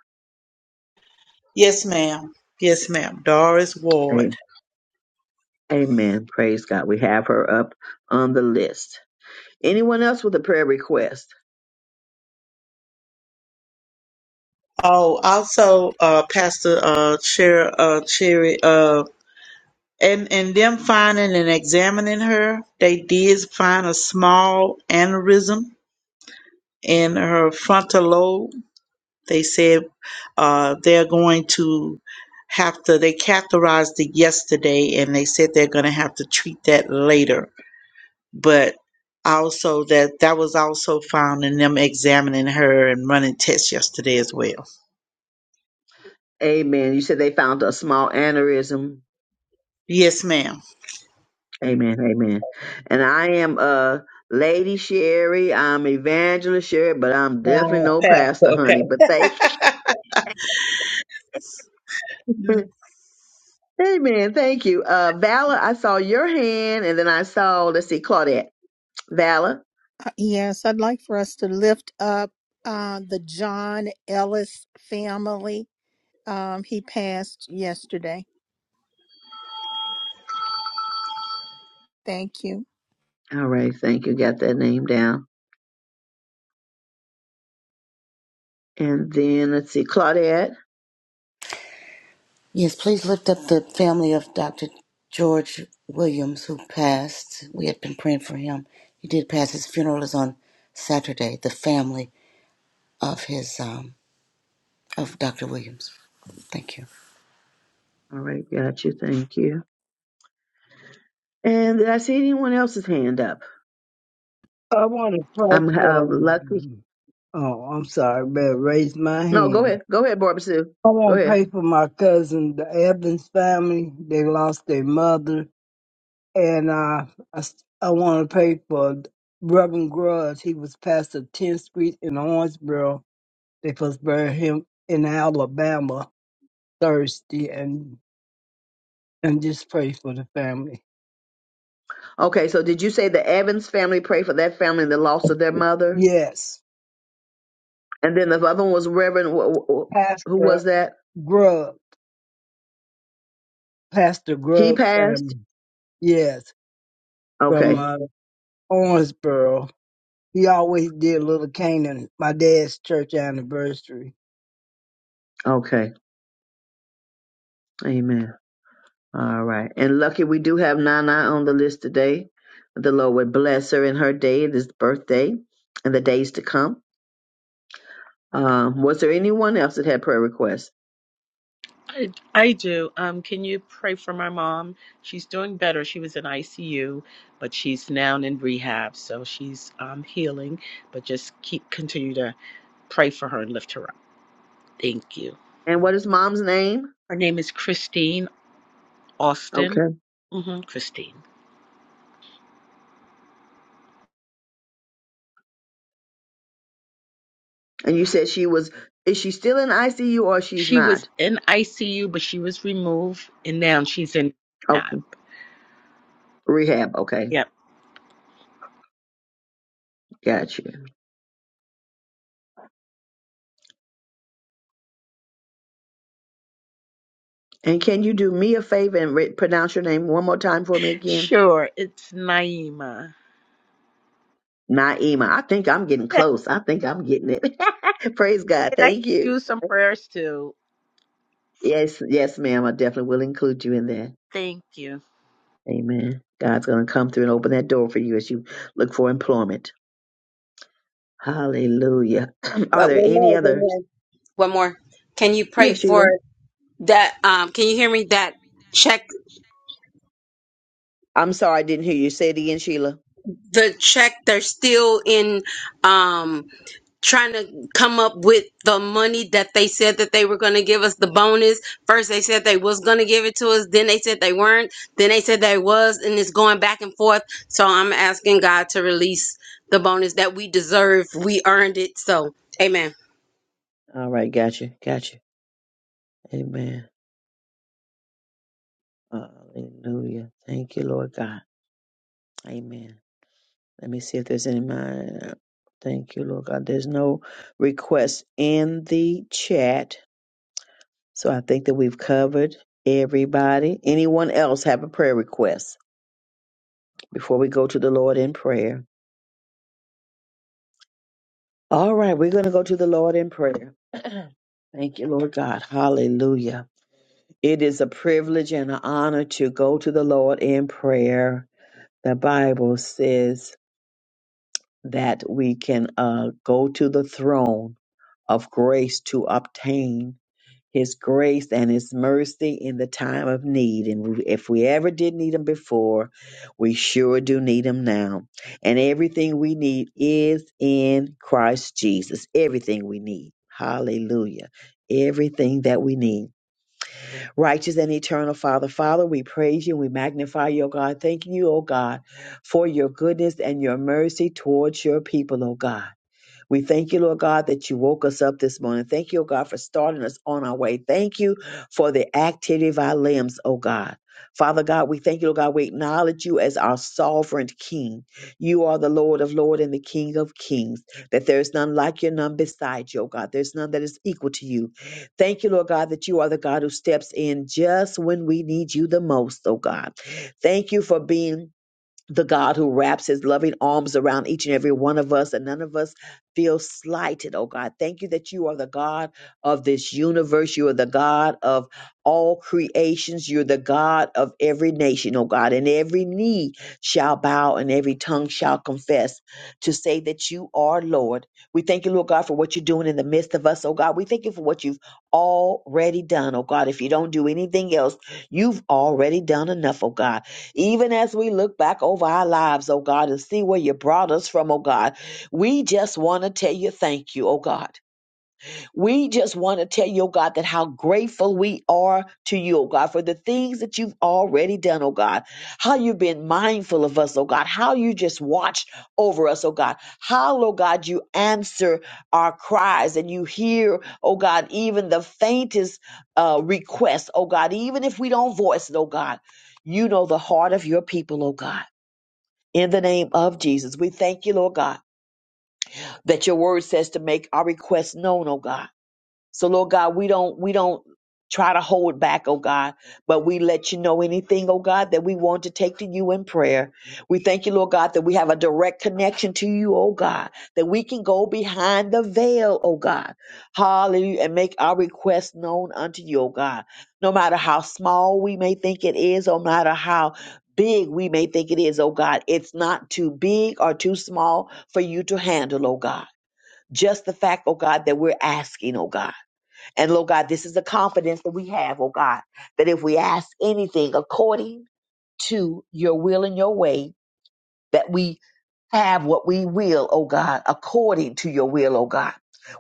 S17: Yes, ma'am. Yes, ma'am. Doris Ward.
S1: A- Amen. Praise God. We have her up on the list. Anyone else with a prayer request?
S17: Oh, also, uh, Pastor, uh, Cher, uh, Cherry, uh, and, and them finding and examining her, they did find a small aneurysm in her frontal lobe. They said, uh, they're going to have to, they catheterized it yesterday and they said they're going to have to treat that later but also that that was also found in them examining her and running tests yesterday as well.
S1: Amen. You said they found a small aneurysm.
S17: Yes, ma'am.
S1: Amen. Amen. And I am uh Lady Sherry. I'm Evangelist Sherry, but I'm definitely
S17: Wow,
S1: no pastor,
S17: Pastor.
S1: honey.
S17: Okay.
S1: But thank you.
S17: Mm.
S1: Amen. Thank you. Uh Valor, I saw your hand and then I saw, let's see, Claudette. Valor.
S2: Uh, Yes, I'd like for us to lift up uh, the John Ellis family. Um, he passed yesterday. Thank you.
S1: All right, thank you. Got that name down. And then let's see, Claudette.
S6: Yes, please lift up the family of Dr. George Williams, who passed. We had been praying for him. He did pass. His funeral is on Saturday. The family of his um, of Dr. Williams. Thank you.
S1: All right, got you. Thank you. And did I see anyone else's hand up?
S4: I want to pray
S1: I'm uh,
S4: for.
S1: lucky.
S4: Oh, I'm sorry, but raise my
S1: No, go
S4: hand.
S1: ahead. Go ahead, Barbara Sue.
S4: I
S1: Go
S4: want to
S1: ahead.
S4: pray for my cousin, the Evans family. They lost their mother, and uh, I s- I want to pray for Reverend Grudge. He was pastor of 10th Street in Orangeboro They first buried him in Alabama Thursday, and and just pray for the family.
S1: Okay, so did you say the Evans family pray for that family and the loss of their mother?
S4: Yes,
S1: And then the other one was Reverend. wh- wh- Who
S4: Pastor
S1: was that?
S4: Grubb, Pastor
S1: He
S4: Grubb
S1: passed.
S4: family. Yes, from
S1: Okay.
S4: uh, Owensboro. He always did Little Canaan, my dad's church anniversary.
S1: Okay. Amen. All right. And lucky we do have Nana on the list today. The Lord would bless her in her day, this birthday, and the days to come. Um, was there anyone else that had prayer requests?
S9: I, I do. Um, can you pray for my mom? She's doing better. She was in ICU, but she's now in rehab, so she's um, healing. But just keep continue to pray for her and lift her up. Thank you.
S1: And what is mom's name?
S9: Her name is Christine Austin.
S1: Okay.
S9: hmm Christine.
S1: And you said she was, is she still in ICU or she's
S9: She was
S1: not?
S9: in ICU, but she was removed, and now she's in rehab.
S1: Okay. Rehab. Okay.
S9: Yep.
S1: Gotcha. And can you do me a favor and re- pronounce your name one more time for me again?
S9: Sure, it's Naima.
S1: Naima. I think I'm getting
S9: And
S1: close. I think I'm getting it. Praise God.
S9: I can
S1: Thank you.
S9: use some prayers too.
S1: Yes. Yes, ma'am. I definitely will include you in that.
S9: Thank you.
S1: Amen. God's going to come through and open that door for you as you look for employment. Hallelujah. Are
S13: But
S1: there
S13: one
S1: any
S13: more, one
S1: other?
S13: more, one more. Can you pray
S1: Yeah,
S13: for
S1: Sheila.
S13: that? Um, can you hear me? That check
S1: I'm sorry I didn't hear you. Say it again, Sheila.
S13: the check. They're still in. Um, trying to come up with the money that they said that they were going to give us the bonus first they said they was going to give it to us then they said they weren't then they said they was and it's going back and forth so i'm asking god to release the bonus that we deserve we earned it so amen
S1: All right, gotcha, gotcha. Amen. Hallelujah. Thank you, Lord God. Amen. Let me see if there's any mind. Thank you, Lord God. There's no requests in the chat. So I think that we've covered everybody. Anyone else have a prayer request before we go to the Lord in prayer? All right, we're going to go to the Lord in prayer. Thank you, Lord God. Hallelujah. It is a privilege and an honor to go to the Lord in prayer. The Bible says that we can uh, go to the throne of grace to obtain His grace and His mercy in the time of need. And we- if we ever did need Him before, we sure do need Him now. And everything we need is in Christ Jesus. Everything we need. Hallelujah. Everything that we need. Righteous and eternal Father, Father, we praise you and we magnify you, O God. Thanking you, O God, for your goodness and your mercy towards your people, O God. We thank you, Lord God, that you woke us up this morning. Thank you, oh God, for starting us on our way. Thank you for the activity of our limbs, oh God. Father God, we thank you, Lord God. We acknowledge you as our sovereign King. You are the Lord of Lords and the King of Kings. That there is none like you, none beside you, oh God. There's none that is equal to you. Thank you, Lord God, that you are the God who steps in just when we need you the most, oh God. Thank you for being the God who wraps his loving arms around each and every one of us, and none of us feel slighted, oh God. Thank you that you are the God of this universe. You are the God of all creations. You're the God of every nation, oh God. And every knee shall bow and every tongue shall confess to say that you are Lord. We thank you, Lord God, for what you're doing in the midst of us, oh God. We thank you for what you've already done, oh God. If you don't do anything else, you've already done enough, oh God. Even as we look back over our lives, oh God, and see where you brought us from, oh God, we just want to tell you thank you, oh God. We just want to tell you, oh God, that how grateful we are to you, oh God, for the things that you've already done, oh God. How you've been mindful of us, oh God. How you just watched over us, oh God. How, oh God, you answer our cries and you hear, oh God, even the faintest uh, request, oh God, even if we don't voice it, oh God. You know the heart of your people, oh God. In the name of Jesus, we thank you, Lord God, that your word says to make our requests known, oh God. So Lord God, we don't we don't try to hold back, oh God, but we let you know anything, oh God, that we want to take to you in prayer. We thank you, Lord God, that we have a direct connection to you, oh God, that we can go behind the veil, oh God. Hallelujah. And make our request known unto you, oh God. No matter how small we may think it is, no matter how big we may think it is, oh God, it's not too big or too small for you to handle, oh God. Just the fact, oh God, that we're asking, oh God. And Lord God, this is the confidence that we have, oh God, that if we ask anything according to your will and your way, that we have what we will, oh God, according to your will, oh God.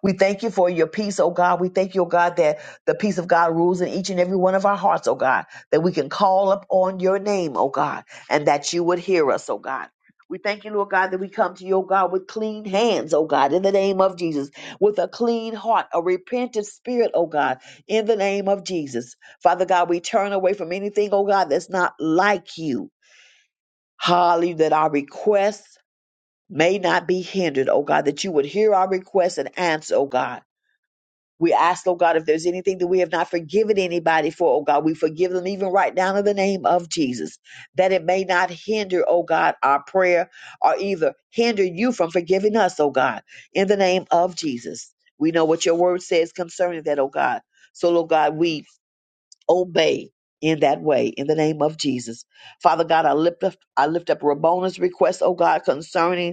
S1: We thank you for your peace, oh God. We thank you, oh God, that the peace of God rules in each and every one of our hearts, oh God, that we can call up on your name, oh God, and that you would hear us, oh God. We thank you, Lord God, that we come to you, oh God, with clean hands, oh God, in the name of Jesus, with a clean heart, a repentant spirit, oh God, in the name of Jesus. Father God, we turn away from anything, oh God, that's not like you. Hallelujah, that our requests may not be hindered, oh God, that you would hear our requests and answer, oh God. We ask, oh God, if there's anything that we have not forgiven anybody for, oh God, we forgive them even right down in the name of Jesus, that it may not hinder, oh God, our prayer or either hinder you from forgiving us, oh God, in the name of Jesus. We know what your word says concerning that, oh God. So, Lord God, we obey in that way in the name of Jesus. Father God, I lift up, I lift up Rabona's request, oh God, concerning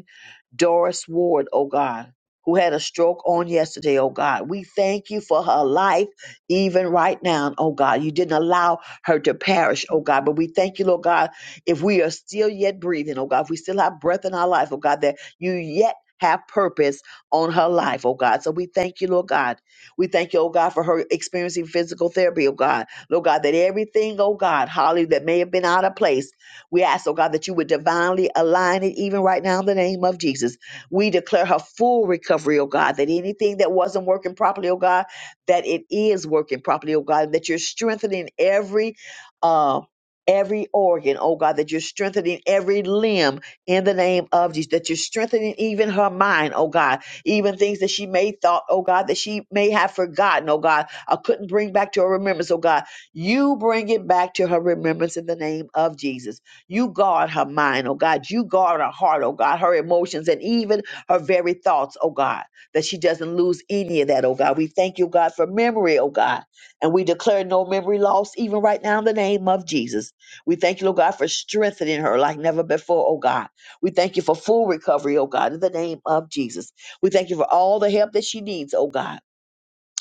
S1: Doris Ward, oh God, who had a stroke on yesterday, oh God. We thank you for her life even right now, oh God. You didn't allow her to perish, oh God. But we thank you, Lord God, if we are still yet breathing, oh God, if we still have breath in our life, oh God, that you yet have purpose on her life, oh God. So we thank you, Lord God. We thank you, oh God, for her experiencing physical therapy, oh God. Lord God, that everything, oh God, Holly, that may have been out of place. We ask, oh God, that you would divinely align it even right now in the name of Jesus. We declare her full recovery, oh God, that anything that wasn't working properly, oh God, that it is working properly, oh God, that you're strengthening every uh Every organ, oh God, that you're strengthening every limb in the name of Jesus, that you're strengthening even her mind, oh God, even things that she may thought, oh God, that she may have forgotten, oh God, I couldn't bring back to her remembrance, oh God. You bring it back to her remembrance in the name of Jesus. You guard her mind, oh God. You guard her heart, oh God, her emotions, and even her very thoughts, oh God, that she doesn't lose any of that, oh God. We thank you, God, for memory, oh God. And we declare no memory loss, even right now, in the name of Jesus. We thank you, oh God, for strengthening her like never before, oh God. We thank you for full recovery, oh God, in the name of Jesus. We thank you for all the help that she needs, oh God.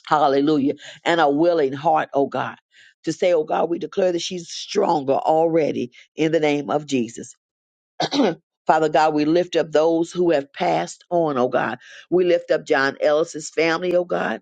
S1: Hallelujah. And a willing heart, oh God. To say, oh God, we declare that she's stronger already in the name of Jesus. Father God, we lift up those who have passed on, oh God. We lift up John Ellis's family, oh God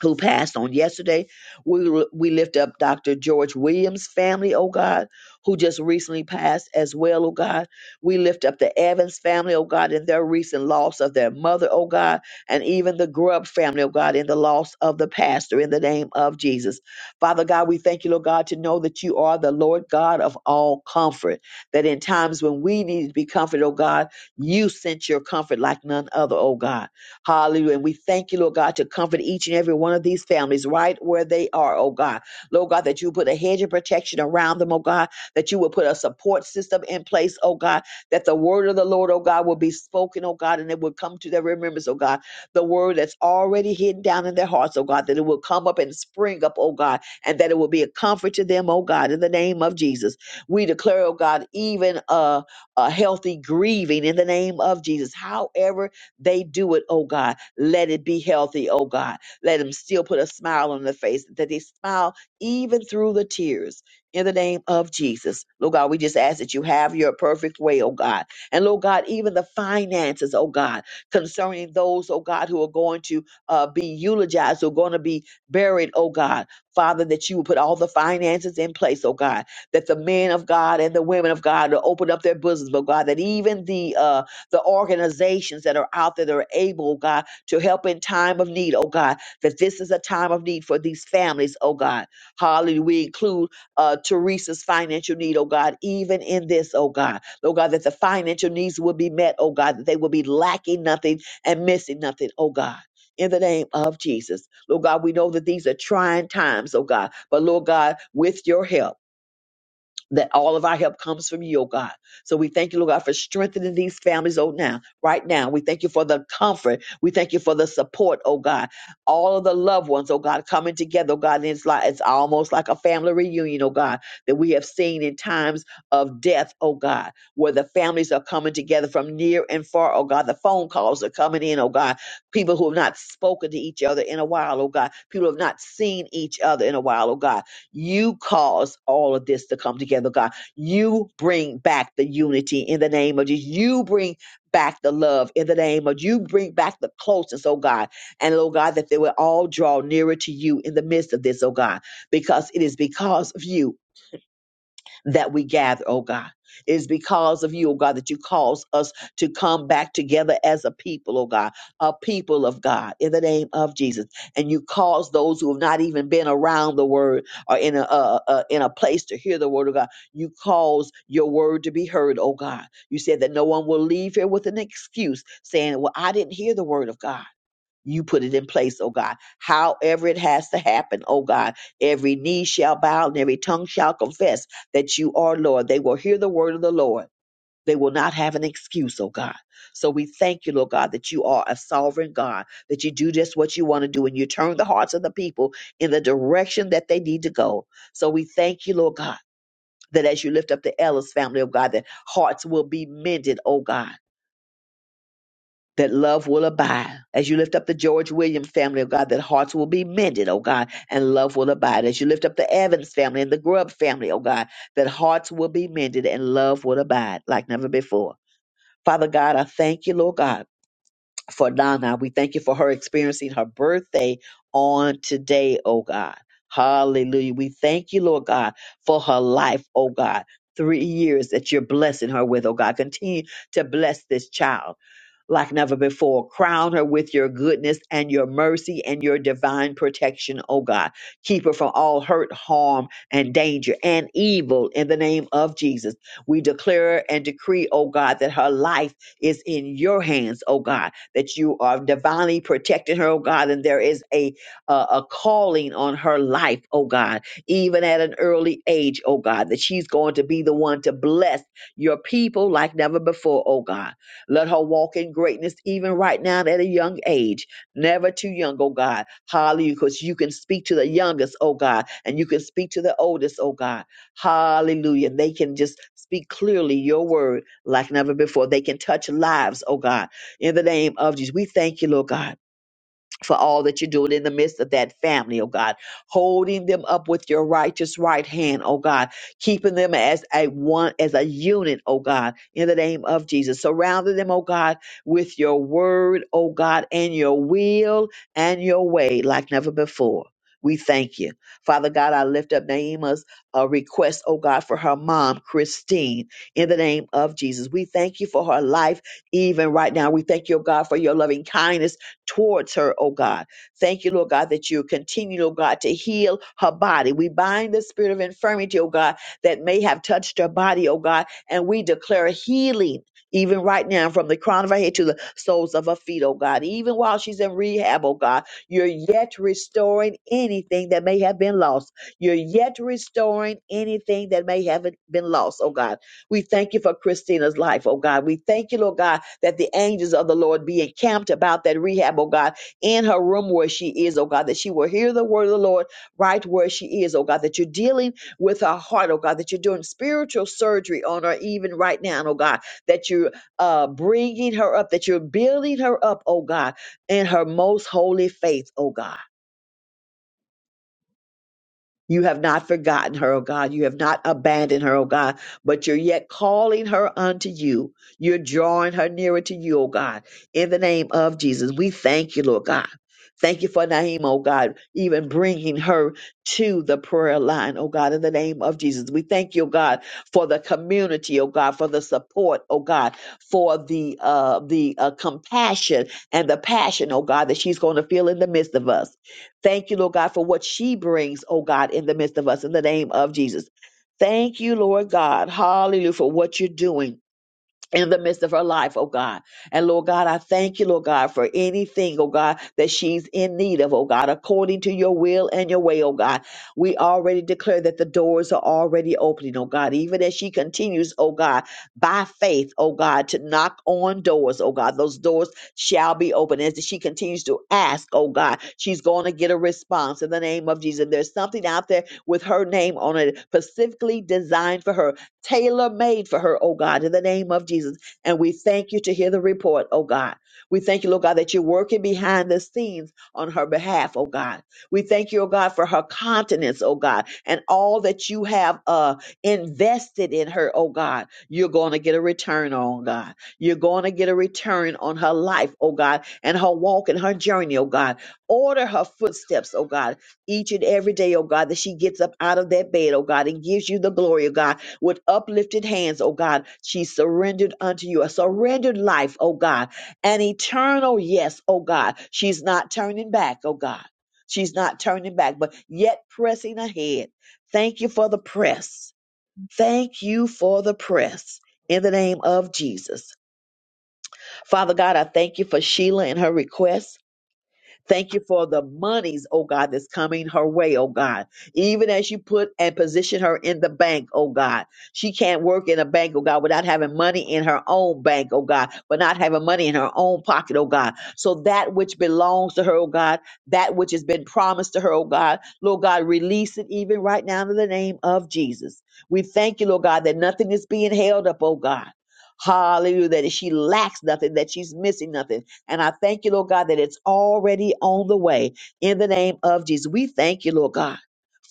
S1: who passed on yesterday. We we lift up Dr. George Williams' family, oh God, who just recently passed as well, oh God. We lift up the Evans family, oh God, in their recent loss of their mother, oh God, and even the Grubb family, oh God, in the loss of the pastor in the name of Jesus. Father God, we thank you, Lord God, to know that you are the Lord God of all comfort, that in times when we need to be comforted, oh God, you sent your comfort like none other, oh God. Hallelujah. And we thank you, Lord God, to comfort each and every one of these families right where they are, oh God. Lord God, that you put a hedge of protection around them, oh God, that you will put a support system in place, oh God, that the word of the Lord, oh God, will be spoken, oh God, and it will come to their remembrance, oh God. The word that's already hidden down in their hearts, oh God, that it will come up and spring up, oh God, and that it will be a comfort to them, oh God, in the name of Jesus. We declare, oh God, even a, a healthy grieving in the name of Jesus. However, they do it, oh God. Let it be healthy, oh God. Let them still put a smile on their face, that they smile even through the tears. In the name of Jesus. Lord God, we just ask that you have your perfect way, oh God. And Lord God, even the finances, oh God, concerning those, oh God, who are going to uh, be eulogized, who are going to be buried, oh God. Father, that you will put all the finances in place, oh God, that the men of God and the women of God will open up their bosoms, oh God, that even the uh, the organizations that are out there that are able, oh God, to help in time of need, oh God, that this is a time of need for these families, oh God. Hallelujah. We include uh, Teresa's financial need, oh God, even in this, oh God. Oh God, that the financial needs will be met, oh God, that they will be lacking nothing and missing nothing, oh God. In the name of Jesus. Lord God, we know that these are trying times, oh God. But Lord God, with your help that all of our help comes from you, oh God. So we thank you, Lord God, for strengthening these families, oh now, right now. We thank you for the comfort. We thank you for the support, oh God. All of the loved ones, oh God, coming together, oh God. And it's like it's almost like a family reunion, oh God, that we have seen in times of death, oh God, where the families are coming together from near and far, oh God. The phone calls are coming in, oh God. People who have not spoken to each other in a while, oh God. People who have not seen each other in a while, oh God you cause all of this to come together, God. You bring back the unity in the name of Jesus. You bring back the love in the name of you bring back the closeness, oh God. And oh God, that they will all draw nearer to you in the midst of this, oh God, because it is because of you that we gather, oh God. It is because of you, oh God, that you cause us to come back together as a people, oh God, a people of God in the name of Jesus. And you cause those who have not even been around the word or in a, uh, uh, in a place to hear the word of God, you cause your word to be heard, oh God. You said that no one will leave here with an excuse saying, well, I didn't hear the word of God you put it in place, oh God. However it has to happen, oh God. Every knee shall bow and every tongue shall confess that you are Lord. They will hear the word of the Lord. They will not have an excuse, oh God. So we thank you, Lord God, that you are a sovereign God, that you do just what you want to do and you turn the hearts of the people in the direction that they need to go. So we thank you, Lord God, that as you lift up the Ellis family, oh God, that hearts will be mended, oh God that love will abide. As you lift up the George Williams family, oh God, that hearts will be mended, oh God, and love will abide. As you lift up the Evans family and the Grubb family, oh God, that hearts will be mended and love will abide like never before. Father God, I thank you, Lord God, for Donna. We thank you for her experiencing her birthday on today, oh God. Hallelujah. We thank you, Lord God, for her life, oh God. Three years that you're blessing her with, oh God. Continue to bless this child like never before. Crown her with your goodness and your mercy and your divine protection, oh God. Keep her from all hurt, harm, and danger and evil in the name of Jesus. We declare and decree, oh God, that her life is in your hands, oh God, that you are divinely protecting her, oh God, and there is a, a, a calling on her life, oh God, even at an early age, oh God, that she's going to be the one to bless your people like never before, oh God let her walk in greatness even right now at a young age. Never too young, oh God. Hallelujah. Because you can speak to the youngest, oh God, and you can speak to the oldest, oh God. Hallelujah. They can just speak clearly your word like never before. They can touch lives, oh God. In the name of Jesus, we thank you, Lord God for all that you're doing in the midst of that family, oh God, holding them up with your righteous right hand, oh God, keeping them as a one, as a unit, oh God, in the name of Jesus. Surrounding them, oh God, with your word, oh God, and your will and your way like never before. We thank you. Father God, I lift up Naima's uh, request, oh God, for her mom, Christine, in the name of Jesus. We thank you for her life, even right now. We thank you, oh God, for your loving kindness towards her, oh God. Thank you, Lord God, that you continue, Lord God, to heal her body. We bind the spirit of infirmity, oh God, that may have touched her body, oh God, and we declare healing. Even right now, from the crown of her head to the soles of her feet, oh God. Even while she's in rehab, oh God, you're yet restoring anything that may have been lost. You're yet restoring anything that may have been lost, oh God. We thank you for Christina's life, oh God. We thank you, Lord God, that the angels of the Lord be encamped about that rehab, oh God, in her room where she is, oh God, that she will hear the word of the Lord right where she is, oh God, that you're dealing with her heart, oh God, that you're doing spiritual surgery on her even right now, oh God, that you're uh, bringing her up, that you're building her up, oh God, in her most holy faith, oh God. You have not forgotten her, O God. You have not abandoned her, O God, but you're yet calling her unto you. You're drawing her nearer to you, O God. In the name of Jesus, we thank you, Lord God. Thank you for Naima, O God, even bringing her to the prayer line, O God, in the name of Jesus. We thank you, O God, for the community, O God, for the support, O God, for the uh, the uh, compassion and the passion, O God, that she's going to feel in the midst of us. Thank you, Lord God, for what she brings, oh God, in the midst of us in the name of Jesus. Thank you, Lord God. Hallelujah for what you're doing in the midst of her life, oh God. And Lord God, I thank you, Lord God, for anything, oh God, that she's in need of, oh God, according to your will and your way, oh God. We already declare that the doors are already opening, oh God, even as she continues, oh God, by faith, oh God, to knock on doors, oh God. Those doors shall be open. As she continues to ask, oh God, she's going to get a response in the name of Jesus. There's something out there with her name on it, specifically designed for her tailor made for her, oh God, in the name of Jesus. And we thank you to hear the report, oh God. We thank you, Lord God, that you're working behind the scenes on her behalf, oh God. We thank you, oh God, for her continence, oh God, and all that you have uh, invested in her, oh God. You're going to get a return on, God. You're going to get a return on her life, oh God, and her walk and her journey, oh God. Order her footsteps, oh God, each and every day, oh God, that she gets up out of that bed, oh God, and gives you the glory, oh God with uplifted hands, oh God. She surrendered unto you a surrendered life, oh God, an eternal yes, oh God. She's not turning back, oh God. She's not turning back, but yet pressing ahead. Thank you for the press. Thank you for the press in the name of Jesus. Father God, I thank you for Sheila and her request. Thank you for the monies, oh God, that's coming her way, oh God. Even as you put and position her in the bank, oh God. She can't work in a bank, oh God, without having money in her own bank, oh God, but not having money in her own pocket, oh God. So that which belongs to her, oh God, that which has been promised to her, oh God, Lord God, release it even right now in the name of Jesus. We thank you, Lord God, that nothing is being held up, oh God. Hallelujah, that she lacks nothing, that she's missing nothing and I thank you, Lord God, that it's already on the way in the name of Jesus. We thank you, Lord God.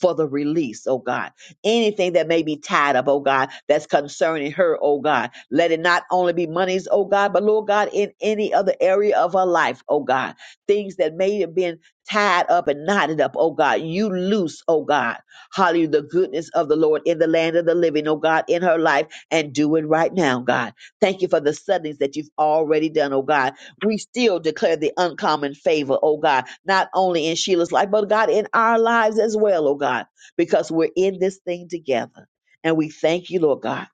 S1: For the release, oh God. Anything that may be tied up, oh God, that's concerning her, oh God. Let it not only be monies, oh God, but Lord God, in any other area of her life, oh God. Things that may have been tied up and knotted up, oh God. You loose, oh God. Hallelujah, the goodness of the Lord in the land of the living, oh God, in her life, and do it right now, God. Thank you for the suddenlies that you've already done, oh God we still declare the uncommon favor, oh God, not only in Sheila's life, but God, in our lives as well, oh God, because we're in this thing together. And we thank you, Lord God.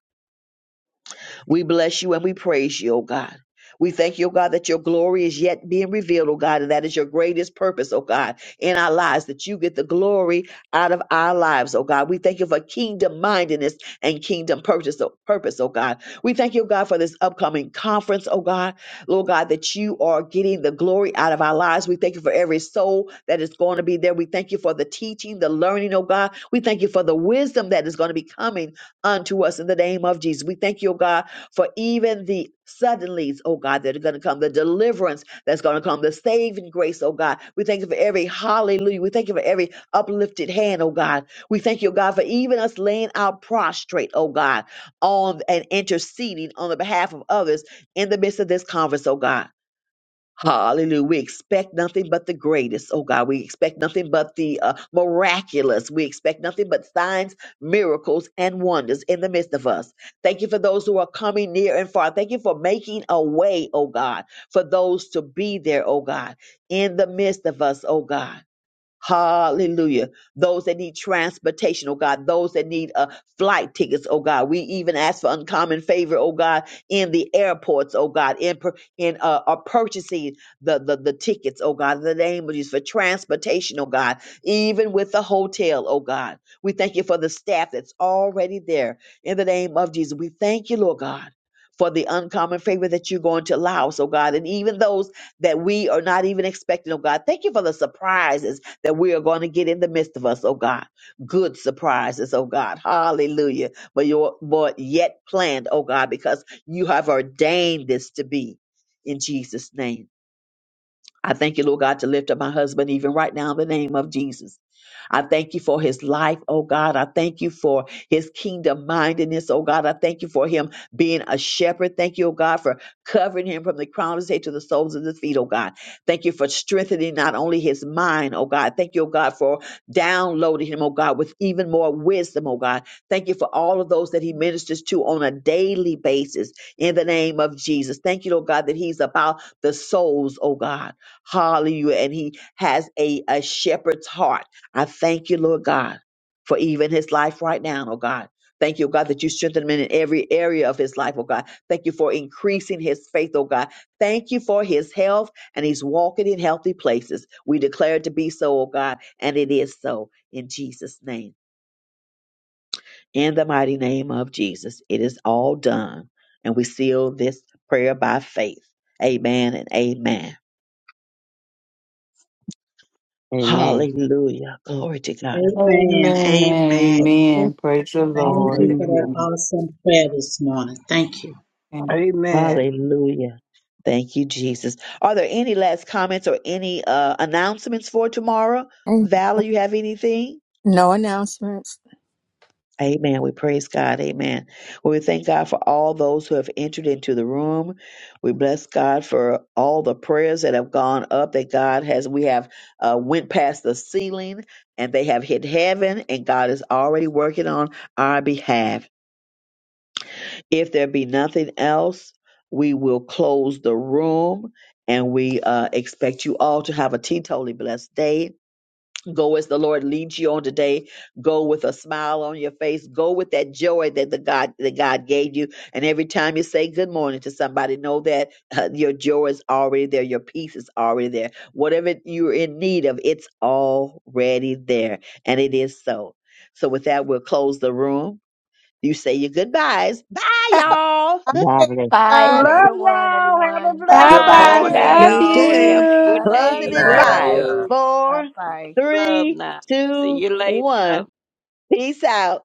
S1: We bless you and we praise you, O God. We thank you, O God, that your glory is yet being revealed, O God, and that is your greatest purpose, O God, in our lives, that you get the glory out of our lives, O God. We thank you for kingdom mindedness and kingdom purpose, O purpose, O God. We thank you, O God, for this upcoming conference, O God. Lord God, that you are getting the glory out of our lives. We thank you for every soul that is going to be there. We thank you for the teaching, the learning, oh God. We thank you for the wisdom that is going to be coming unto us in the name of Jesus. We thank you, oh God, for even the suddenlies, oh God, that are going to come, the deliverance that's going to come, the saving grace, oh God. We thank you for every hallelujah. We thank you for every uplifted hand, oh God. We thank you, oh God, for even us laying out prostrate, oh God, on and interceding on the behalf of others in the midst of this conference, oh God. Hallelujah. We expect nothing but the greatest. Oh God, we expect nothing but the uh, miraculous. We expect nothing but signs, miracles, and wonders in the midst of us. Thank you for those who are coming near and far. Thank you for making a way, oh God, for those to be there, oh God, in the midst of us, oh God. Hallelujah. Those that need transportation, oh God, those that need uh, flight tickets, oh God. We even ask for uncommon favor, oh God, in the airports, oh God, in pur- in uh, uh, purchasing the, the the tickets, oh God, in the name of Jesus for transportation, oh God, even with the hotel, oh God. We thank you for the staff that's already there in the name of Jesus. We thank you, Lord God. For the uncommon favor that you're going to allow us, oh God, and even those that we are not even expecting, oh God. Thank you for the surprises that we are going to get in the midst of us, oh God. Good surprises, oh God. Hallelujah. But your but yet planned, oh God, because you have ordained this to be in Jesus' name. I thank you, Lord God, to lift up my husband even right now in the name of Jesus. I thank you for his life, oh God. I thank you for his kingdom mindedness, oh God. I thank you for him being a shepherd. Thank you, oh God, for covering him from the crown of his head to the soles of his feet, oh God. Thank you for strengthening not only his mind, oh God. Thank you, oh God, for downloading him, oh God, with even more wisdom, oh God. Thank you for all of those that he ministers to on a daily basis in the name of Jesus. Thank you, oh God, that he's about the souls, oh God. Hallelujah. And he has a, a shepherd's heart. I thank you, Lord God, for even his life right now, oh God. Thank you, oh God, that you strengthen him in every area of his life, oh God. Thank you for increasing his faith, oh God. Thank you for his health, and he's walking in healthy places. We declare it to be so, oh God, and it is so in Jesus' name. In the mighty name of Jesus, it is all done. And we seal this prayer by faith. Amen and amen.
S12: Amen.
S1: Hallelujah. Glory to God.
S17: Amen.
S11: Amen.
S17: Amen.
S11: Amen. Praise the
S17: Thank you
S11: Lord.
S17: for that
S12: Hallelujah.
S11: Amen.
S17: awesome prayer this morning. Thank you.
S4: Amen.
S1: Hallelujah. Thank you, Jesus. Are there any last comments or any uh, announcements for tomorrow?
S2: Mm,
S1: Valor, you have anything?
S2: No announcements.
S1: Amen. We praise God. Amen. Well, We thank God for all those who have entered into the room. We bless God for all the prayers that have gone up that God has. We have uh, went past the ceiling and they have hit heaven and God is already working on our behalf. If there be nothing else, we will close the room and we uh, expect you all to have a teetotally blessed day. Go as the Lord leads you on today. Go with a smile on your face. Go with that joy that the God that God gave you. And every time you say good morning to somebody, know that uh, your joy is already there. Your peace is already there. Whatever you're in need of, it's already there, and it is so. So with that, we'll close the room you say your goodbyes. Bye, y'all.
S12: God bless.
S9: Bye. Have a
S2: Hey,
S4: Love
S9: good one,
S4: y'all. Have
S9: everyone.
S4: a blessed
S11: Bye
S7: Good
S11: bye.
S9: Bye.
S1: Bye.
S7: morning,
S11: Love
S4: day.
S6: Great
S7: y'all. Have
S6: day.
S7: a good
S9: Love
S11: you.
S1: Closing
S16: Good
S7: day.
S9: you
S1: in
S16: night,
S7: Love
S16: love you
S1: five,
S9: all.
S16: all.
S7: you.
S9: Bye
S1: four,
S9: bye.
S7: Love
S1: three,
S7: now. See
S1: two,
S7: you later.
S1: one. Peace out.